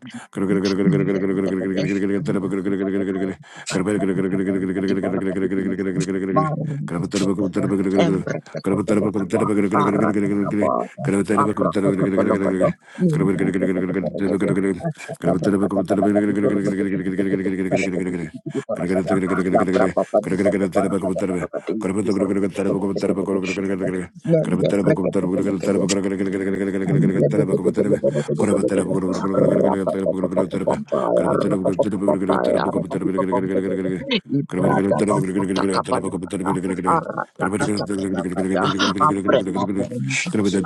S1: Can
S4: Gracias.
S1: Thank Libre
S2: Shepe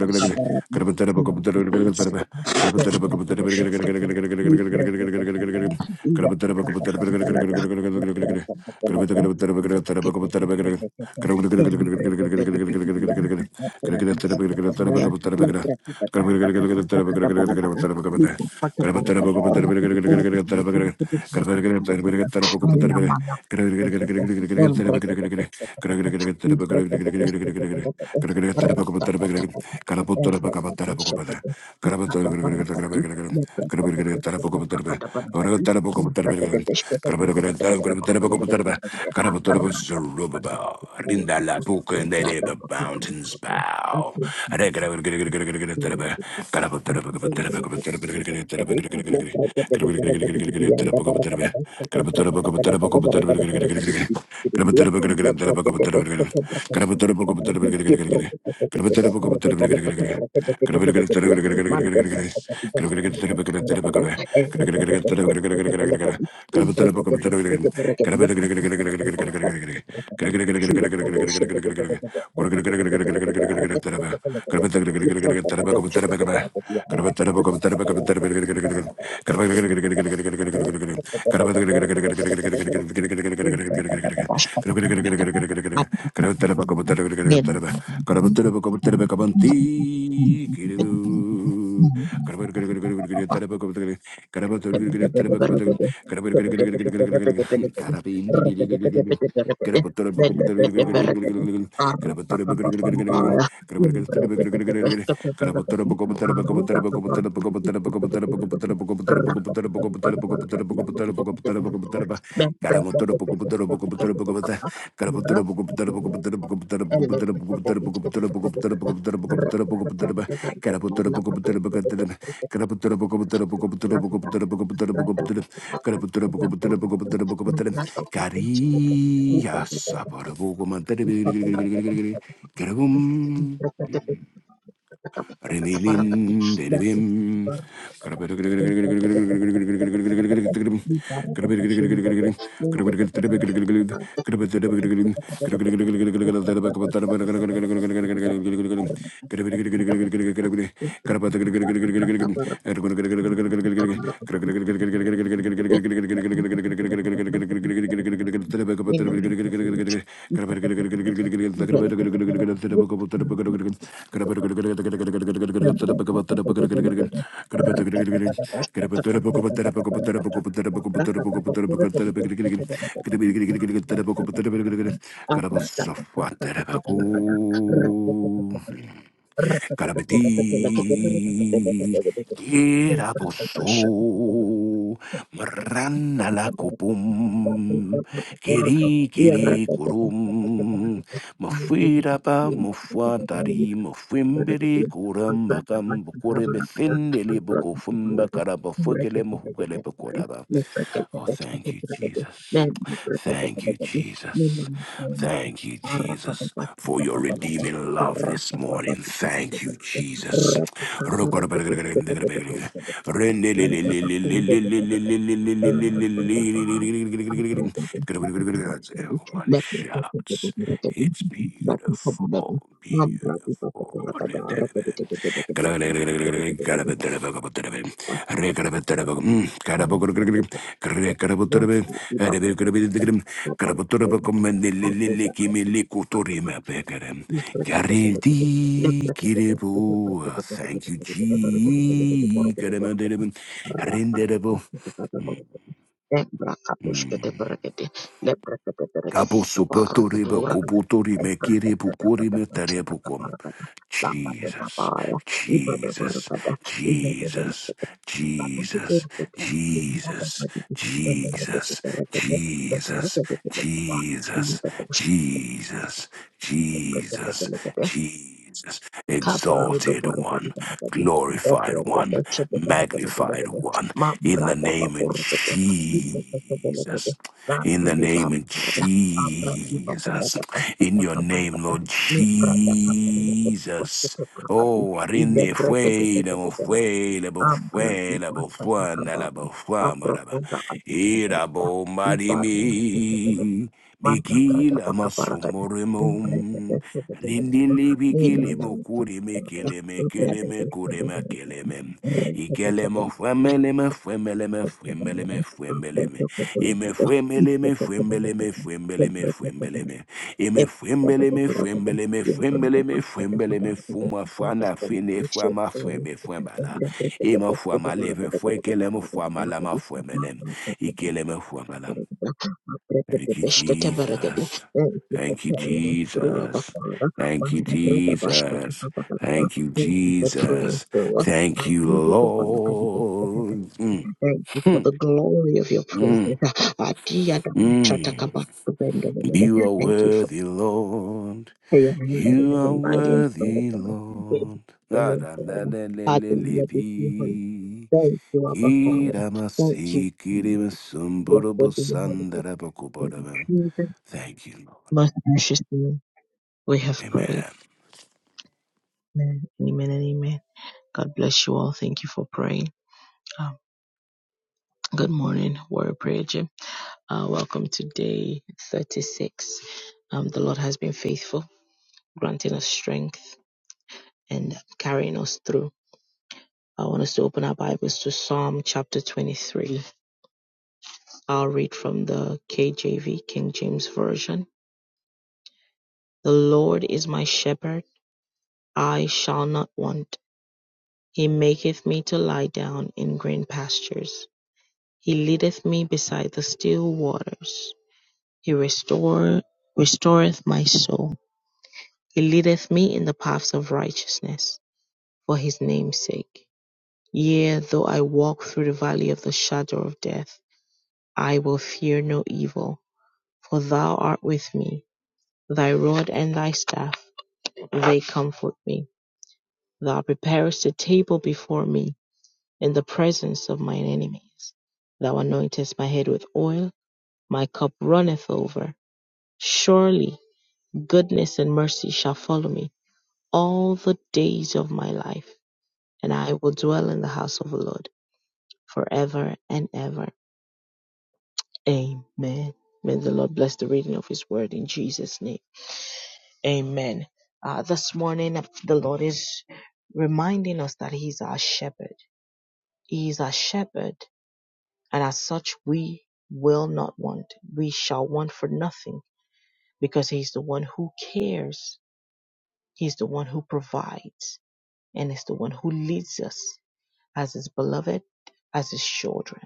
S2: Pepe Suza sure
S1: de Thank
S4: the
S1: you. Thank
S4: mountains bow.
S1: you.
S4: Gracias. Karabi
S1: Thank Thank
S4: Get up a Carias,
S1: you. Thank
S4: Remilin de Rebim.
S1: you. Rapa
S4: Gracias. Karabedi. Kiraboso.
S1: Thank
S4: Maranalakopum. Kiri kiri kurum. Mafirapa mufuatari. Mufimbiri kuram. Makam bukurebe sendele bukufumba karabafugele muhugele bukuraba. Oh, thank you, Jesus. Thank you, Jesus. Thank you, Jesus, for your redeeming love this morning. Thank you, Jesus. Everyone
S1: you.
S4: shouts. It's beautiful, beautiful. Thank
S1: Thank Thank
S4: you, G. Mm. Kabo sopoto reba kopoto rime kirebo korime terebo kom. Jesus, Jesus, Jesus, Jesus, Jesus, Jesus, Jesus, Jesus, Jesus, Jesus,
S1: you.
S4: Jesus,
S1: Kabarodo
S4: exalted
S1: boro boro
S4: one,
S1: boro boro.
S4: glorified
S1: Ebre de
S4: one,
S1: peche de shebe bele bele bele
S4: magnified one,
S1: Ma
S4: in the
S1: brada ba
S4: name of
S1: boro boro. Ibe
S4: Jesus.
S1: de de bele bele.
S4: Jesus. In
S1: Randi
S4: the
S1: li ba
S4: name of
S1: brada. Abra di ba ba ba
S4: Jesus.
S1: ba ba sa
S4: In
S1: ta
S4: your
S1: ka bra ka
S4: name,
S1: da.
S4: Lord
S1: Ni brada ka bele bele. Oste
S4: Jesus.
S1: te bra ka di.
S4: Oh,
S1: Ile
S4: arinde
S1: bre ke de de
S4: fue,
S1: de
S4: la
S1: de
S4: fue, la
S1: Abra di
S4: fue, la
S1: ba sa ta
S4: fue,
S1: ka ba
S4: la
S1: ba.
S4: fue,
S1: Abra
S4: maraba.
S1: ko da di ki bele da.
S4: Irabo
S1: Iba ro oste te bele.
S4: marimi.
S1: Manda brada ba
S4: Bikila
S1: ka Thank
S4: masomoremom. Rindili bikilimo kurime keleme keleme kurema keleme. Ikelemo femeleme femeleme femeleme femeleme. Ime femeleme femeleme femeleme femeleme. Ime femeleme femeleme femeleme femeleme fuma fana fine fama feme femala. Ima fama leve fwe kelemo fama lama femelem.
S1: you.
S4: Ikeleme fama
S1: Thank you for
S4: Thank you,
S1: carrying
S4: Jesus. Thank you,
S1: us through our
S4: Jesus.
S1: Father.
S4: Thank you,
S1: And the breath of Ashkata
S4: Jesus. Thank you,
S1: Thank you for praying
S4: Jesus.
S1: through us.
S4: Thank
S1: And
S4: you,
S1: thank you for Balakadikashkata.
S4: Lord. Mm,
S1: Thank you for
S4: mm,
S1: the glory of your
S4: mm,
S1: presence. Adia
S4: mm.
S1: Dabashatakaba.
S4: You are
S1: Thank you for
S4: worthy, Lord.
S1: your hand that is
S4: You are
S1: even mighty and strong
S4: worthy,
S1: upon us. We bless
S4: Lord.
S1: the
S4: Ah,
S1: name
S4: da, da,
S1: forever.
S4: da, le, le, le,
S1: Hallelujah be to your holy.
S4: pi.
S1: Thank you, Abba Father. Thank you.
S4: Kiramasi,
S1: Jesus.
S4: kirimasum, burubu,
S1: Blessed be your holy name. In
S4: sandarabakubaraban.
S1: Jesus'
S4: Thank you, Lord.
S1: Most graciously, we have prayed.
S4: Amen.
S1: Amen. Amen and amen. God bless you all. Thank you for praying. Um, good morning, Warrior Prayer Gym. Uh, welcome to day 36. Um, the Lord has been faithful, granting us strength and carrying us through. I want us to open our Bibles to Psalm chapter 23. I'll read from the KJV, King James Version. The Lord is my shepherd, I shall not want. He maketh me to lie down in green pastures. He leadeth me beside the still waters. He restore, restoreth my soul. He leadeth me in the paths of righteousness for his name's sake. Yea, though I walk through the valley of the shadow of death, I will fear no evil, for thou art with me. Thy rod and thy staff, they comfort me. Thou preparest a table before me in the presence of mine enemies. Thou anointest my head with oil, my cup runneth over. Surely goodness and mercy shall follow me all the days of my life, and I will dwell in the house of the Lord forever and ever. Amen. May the Lord bless the reading of his word in Jesus' name. Amen. Uh, this morning, uh, the Lord is reminding us that he's our shepherd. He is our shepherd And as such, we will not want. We shall want for nothing because He's the one who cares. He's the one who provides and is the one who leads us as His beloved, as His children.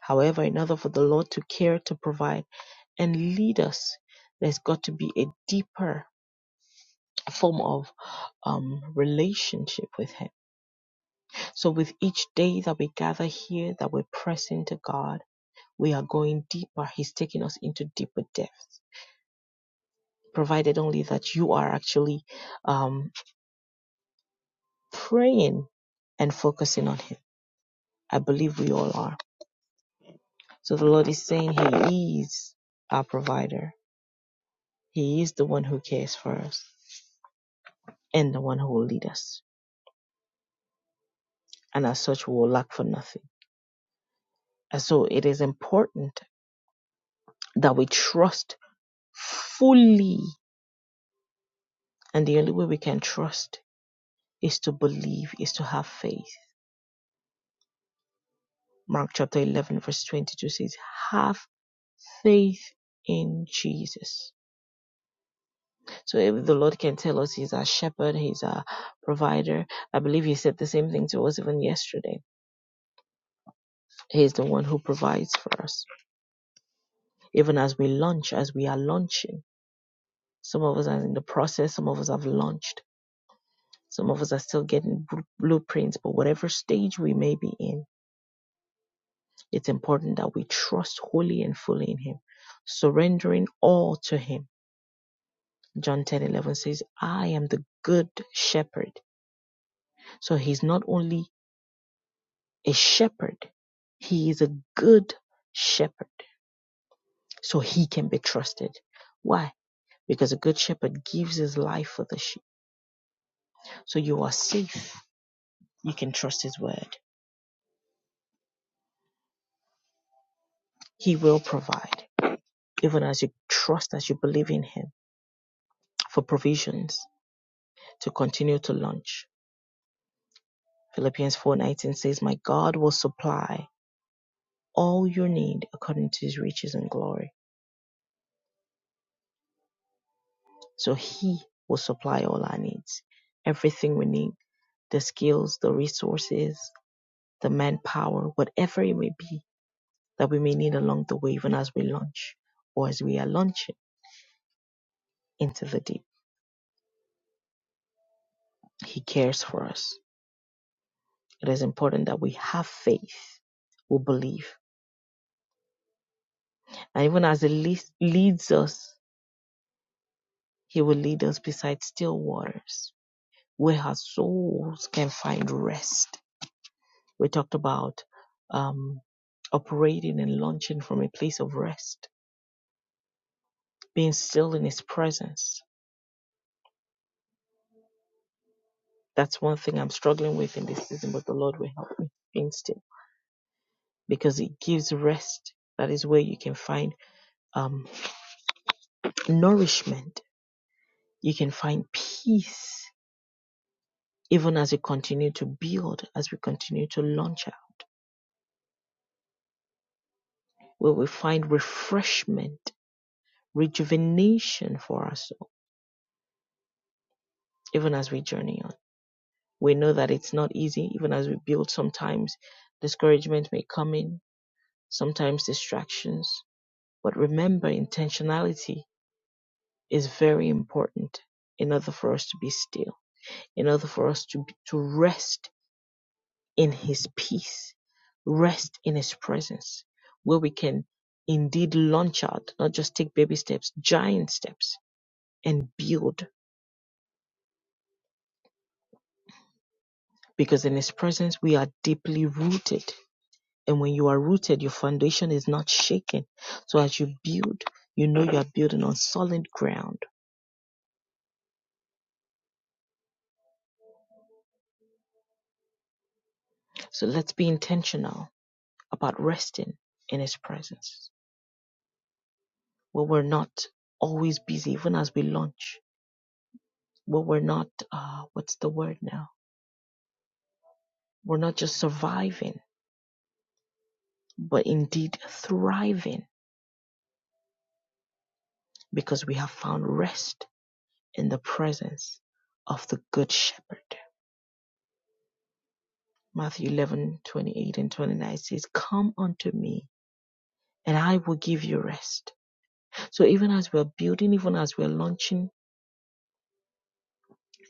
S1: However, in order for the Lord to care, to provide, and lead us, there's got to be a deeper form of um, relationship with Him. So, with each day that we gather here, that we press into God, we are going deeper. He's taking us into deeper depths provided only that you are actually um, praying and focusing on Him. I believe we all are. So the Lord is saying He is our provider. He is the one who cares for us and the one who will lead us. And as such, we will lack for nothing. And so it is important that we trust fully. And the only way we can trust is to believe, is to have faith. Mark chapter 11, verse 22 says, Have faith in Jesus So if the Lord can tell us He's our shepherd, He's our provider, I believe He said the same thing to us even yesterday. He's the one who provides for us. Even as we launch, as we are launching, some of us are in the process, some of us have launched, some of us are still getting blueprints, but whatever stage we may be in, it's important that we trust wholly and fully in Him, surrendering all to Him. John ten eleven says, I am the good shepherd. So He's not only a shepherd. He is a good shepherd. So he can be trusted. Why? Because a good shepherd gives his life for the sheep. So you are safe. You can trust his word. He will provide, even as you trust, as you believe in him for provisions to continue to launch. Philippians 4:19 says, "My God will supply all your need according to his riches and glory." So He will supply all our needs, everything we need the skills, the resources, the manpower, whatever it may be that we may need along the way, even as we launch or as we are launching into the deep. He cares for us. It is important that we have faith, we believe. And even as He leads leads us, He will lead us beside still waters where our souls can find rest We talked about um, operating and launching from a place of rest, being still in His presence. That's one thing I'm struggling with in this season, but the Lord will help me being still because it gives rest. That is where you can find um, nourishment. You can find peace, even as we continue to build, as we continue to launch out, where we find refreshment, rejuvenation for our soul, even as we journey on. we know that it's not easy even as we build sometimes discouragement may come in sometimes distractions but remember intentionality is very important in order for us to be still in order for us to to rest in his peace rest in his presence where we can indeed launch out not just take baby steps giant steps and build because in his presence we are deeply rooted And when you are rooted, your foundation is not shaken. So as you build, you know you are building on solid ground. So let's be intentional about resting in His presence. Where we're not always busy, even as we launch, where we're not, uh, what's the word now? We're not just surviving, but indeed thriving because we have found rest in the presence of the Good Shepherd. Matthew 11 28 and 29 says, Come unto me and I will give you rest. So even as we're building, even as we're launching,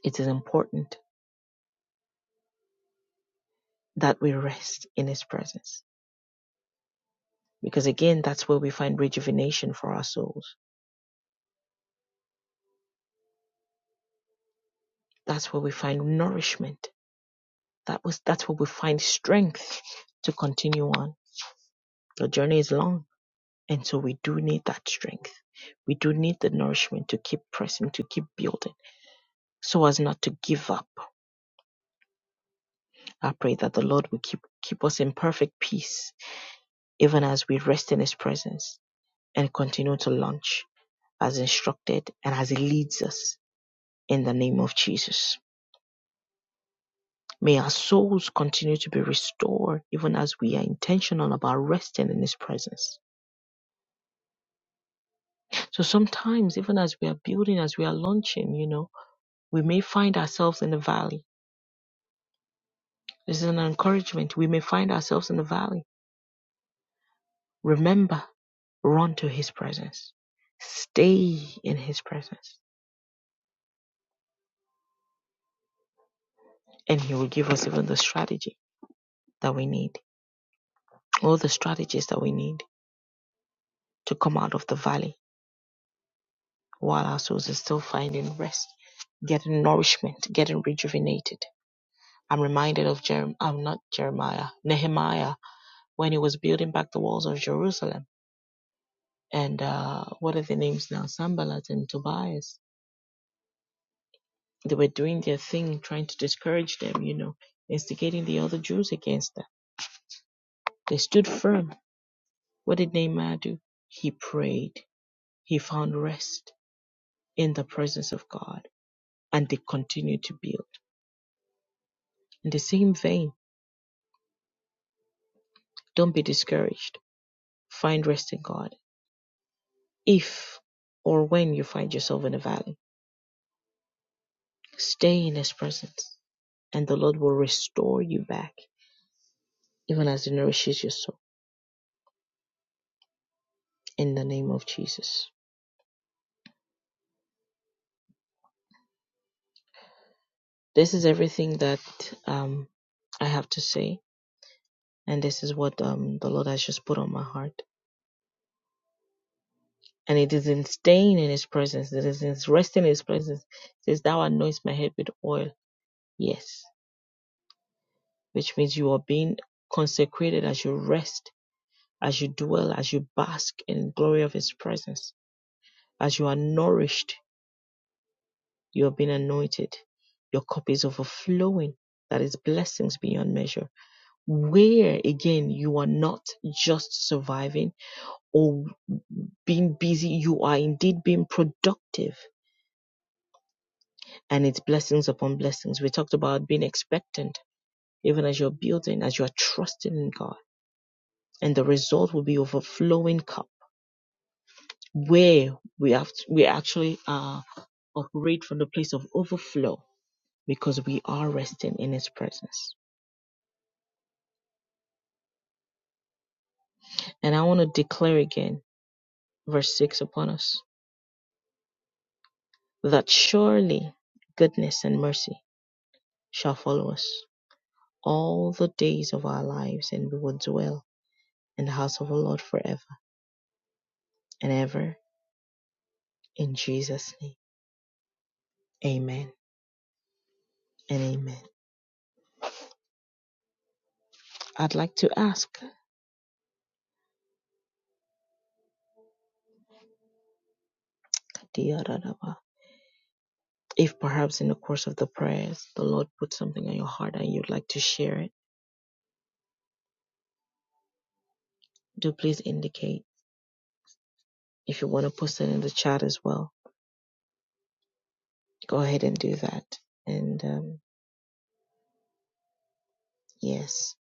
S1: it is important that we rest in His presence. Because again, that's where we find rejuvenation for our souls. That's where we find nourishment. That was, that's where we find strength [LAUGHS] to continue on. The journey is long. And so we do need that strength. We do need the nourishment to keep pressing, to keep building, so as not to give up. I pray that the Lord will keep, keep us in perfect peace, even as we rest in His presence and continue to launch as instructed and as He leads us in the name of Jesus. May our souls continue to be restored even as we are intentional about resting in His presence. So sometimes, even as we are building, as we are launching, you know, we may find ourselves in the valley. This is an encouragement. We may find ourselves in the valley. Remember, run to His presence, stay in His presence, and He will give us even the strategy that we need, all the strategies that we need to come out of the valley while our souls are still finding rest, getting nourishment, getting rejuvenated. I'm reminded of Jerem, I'm not Jeremiah, Nehemiah, when he was building back the walls of Jerusalem. And uh, what are the names now? Sambalat and Tobias. They were doing their thing, trying to discourage them, you know, instigating the other Jews against them. They stood firm. What did Nehemiah do? He prayed. He found rest in the presence of God. And they continued to build. In the same vein, don't be discouraged. Find rest in God. If or when you find yourself in a valley, stay in His presence, and the Lord will restore you back, even as He nourishes your soul. In the name of Jesus. This is everything that um, I have to say, and this is what um, the Lord has just put on my heart. And it is in staying in His presence, it is in resting in His presence. It says, Thou anoint my head with oil. Yes, which means you are being consecrated as you rest As you dwell, as you bask in the glory of His presence, as you are nourished, you have been anointed. Your cup is overflowing. That is blessings beyond measure. Where again you are not just surviving or being busy, you are indeed being productive and it's blessings upon blessings. We talked about being expectant, even as you're building, as you're trusting in God, and the result will be overflowing cup where we have to, we actually uh, operate from the place of overflow because we are resting in His presence. And I want to declare again, verse 6 upon us, that surely goodness and mercy shall follow us all the days of our lives, and we will dwell in the house of the Lord forever and ever. In Jesus' name, amen and amen. I'd like to ask, If perhaps in the course of the prayers the Lord put something on your heart and you'd like to share it, do please indicate. If you want to post it in the chat as well, go ahead and do that. And um, yes,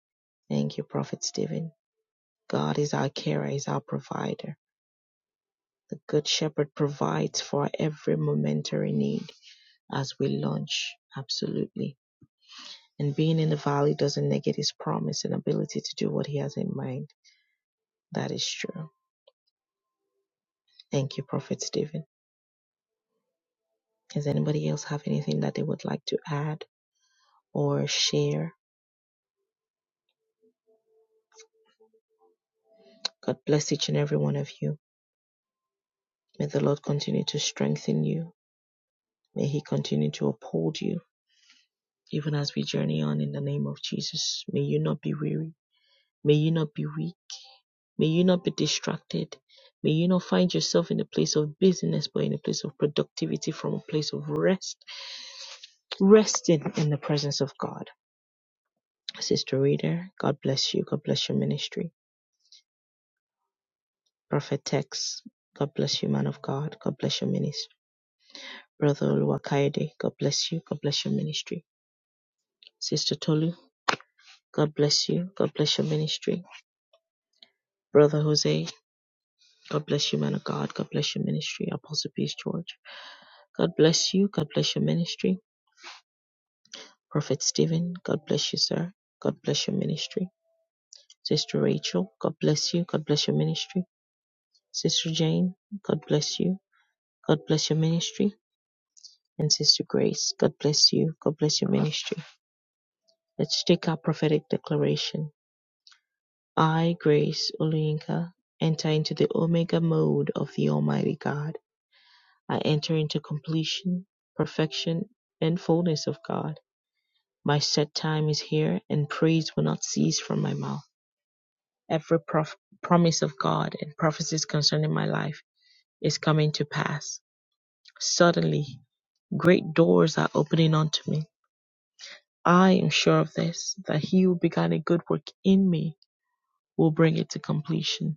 S1: thank you, Prophet Stephen. God is our carer, is our provider. The Good Shepherd provides for every momentary need as we launch. Absolutely. And being in the valley doesn't negate his promise and ability to do what he has in mind. That is true. Thank you, Prophet Stephen. Does anybody else have anything that they would like to add or share? God bless each and every one of you. May the Lord continue to strengthen you. May He continue to uphold you, even as we journey on in the name of Jesus. May you not be weary. May you not be weak. May you not be distracted. May you not find yourself in a place of busyness, but in a place of productivity from a place of rest, resting in the presence of God. Sister Reader, God bless you. God bless your ministry. Prophet Tex, God bless you, man of God. God bless your ministry. Brother Oluwakayode, God bless you. God bless your ministry. Sister Tolu, God bless you. God bless your ministry. Brother Jose, God bless you, man of God. God bless your ministry. Apostle Peace George, God bless you. God bless your ministry. Prophet Stephen, God bless you, sir. God bless your ministry. Sister Rachel, God bless you. God bless your ministry. Sister Jane, God bless you. God bless your ministry. And Sister Grace, God bless you. God bless your ministry. Let's take our prophetic declaration. I, Grace Oluyinka, enter into the Omega mode of the Almighty God. I enter into completion, perfection, and fullness of God. My set time is here, and praise will not cease from my mouth. Every prof- promise of God and prophecies concerning my life is coming to pass. Suddenly, great doors are opening unto me. I am sure of this, that he who began a good work in me will bring it to completion.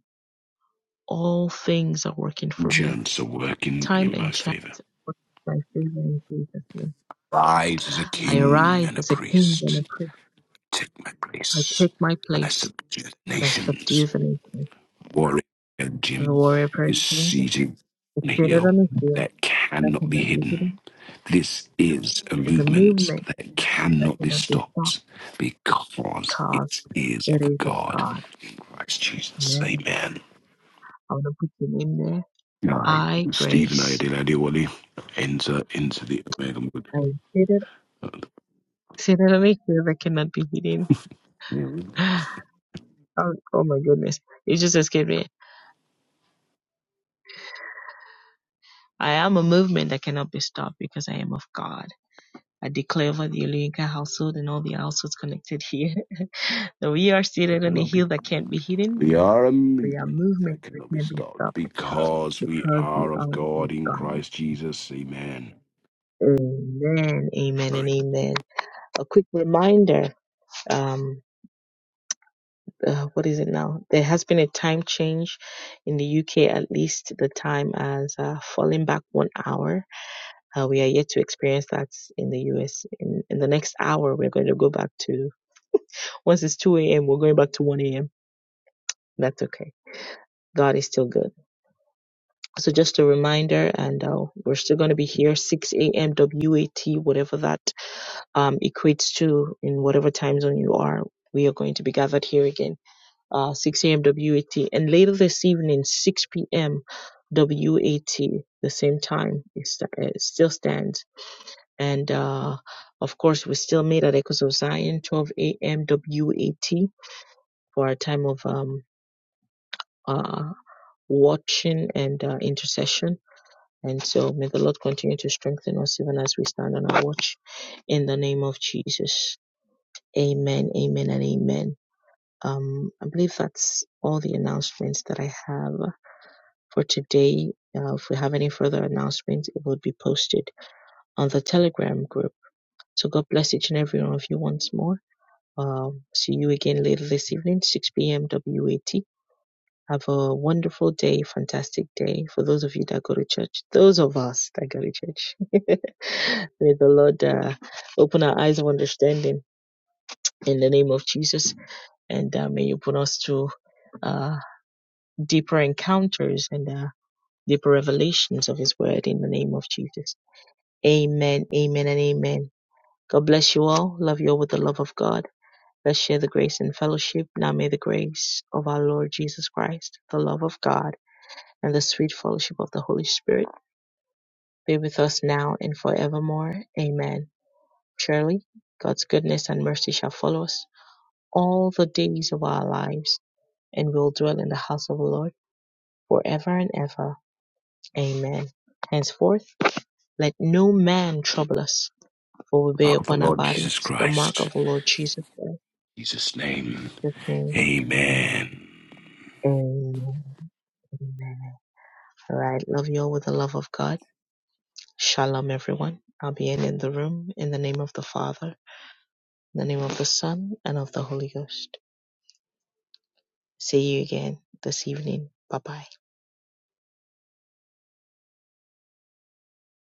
S1: All things are working for me.
S4: Chance are working
S1: Time
S4: in my
S1: and chance
S4: favor.
S1: are my favor in Jesus' name.
S4: Rise as a
S1: I
S4: king
S1: arise
S4: and a
S1: as a king and
S4: priest.
S1: a prince.
S4: Take my
S1: I
S4: place,
S1: take my
S4: and I
S1: place
S4: subdue the
S1: and I subdue
S4: nations.
S1: the nations.
S4: Warrior
S1: The
S4: Jim
S1: warrior
S4: is
S1: person
S4: seated
S1: is
S4: on a
S1: seated
S4: hill
S1: on a hill
S4: that
S1: that
S4: cannot be
S1: cannot be
S4: hidden.
S1: hidden.
S4: This is a
S1: It Is a
S4: movement
S1: movement
S4: that
S1: that
S4: cannot be
S1: cannot be stopped
S4: stopped because
S1: because
S4: it is of
S1: it is of
S4: God.
S1: God.
S4: Christ Jesus,
S1: Amen.
S4: amen.
S1: I want to put your name there.
S4: Hi,
S1: I,
S4: Stephen
S1: Grace,
S4: Ayadele Adewale. Enter into the Omega Mode.
S1: I am seated, seated on a hill that cannot be hidden. [GASPS] Oh, oh my goodness. It just escaped me. I am a movement that cannot be stopped because I am of God. I declare over the Olinka household and all the households connected here [LAUGHS] that we are
S4: That
S1: seated on a
S4: cannot be
S1: hill that can't be hidden.
S4: We are a
S1: We are
S4: movement
S1: movements
S4: that
S1: that
S4: cannot be
S1: can't be
S4: stopped
S1: stopped
S4: because we
S1: because we
S4: are
S1: are
S4: of
S1: of
S4: God in
S1: God.
S4: Christ Jesus. Amen.
S1: Amen, amen,
S4: All
S1: and
S4: right.
S1: amen. A quick reminder. Um, uh, what is it now? There has been a time change in the UK, at least the time has uh, fallen back one hour Uh, we are yet to experience that in the US. In, in the next hour, we're going to go back to, once it's 2 a.m., we're going back to 1 a.m. That's okay. God is still good. So just a reminder, and uh, we're still going to be here 6 a.m. WAT, whatever that um, equates to in whatever time zone you are. We are going to be gathered here again, uh, 6 a.m. WAT, and later this evening, 6 p.m. WAT, the same time. It sta- it still stands. And uh, of course, we still meet at Echoes of Zion, 12 a.m. WAT, for our time of um, uh, watching and uh, intercession. And so may the Lord continue to strengthen us even as we stand on our watch in the name of Jesus. Amen, amen, and amen. Um, I believe that's all the announcements that I have for today. Uh, if we have any further announcements, it will be posted on the Telegram group. So God bless each and every one of you once more Uh, see you again later this evening, 6 p.m. WAT. Have a wonderful day, fantastic day for those of you that go to church. Those of us that go to church. [LAUGHS] may the Lord uh, open our eyes of understanding in the name of Jesus, and uh, may you put us to uh, deeper encounters and uh, deeper revelations of His Word in the name of Jesus. Amen, amen, and amen. God bless you all. Love you all with the love of God. Let's share the grace and fellowship. Now may the grace of our Lord Jesus Christ, the love of God, and the sweet fellowship of the Holy Spirit be with us now and forevermore. Amen. Surely, God's goodness and mercy shall follow us all the days of our lives, and we'll dwell in the house of the Lord forever and ever. Amen. Henceforth, let no man trouble us, for we bear
S4: Of the
S1: upon our
S4: Lord
S1: bodies
S4: Jesus
S1: the mark
S4: Christ.
S1: of the Lord Jesus Christ.
S4: In Jesus' name.
S1: His name.
S4: Amen.
S1: Amen. Amen. All right. Love you all with the love of God. Shalom, everyone. I'll be ending the room in the name of the Father, in the name of the Son, and of the Holy Ghost. See you again this evening. Bye bye.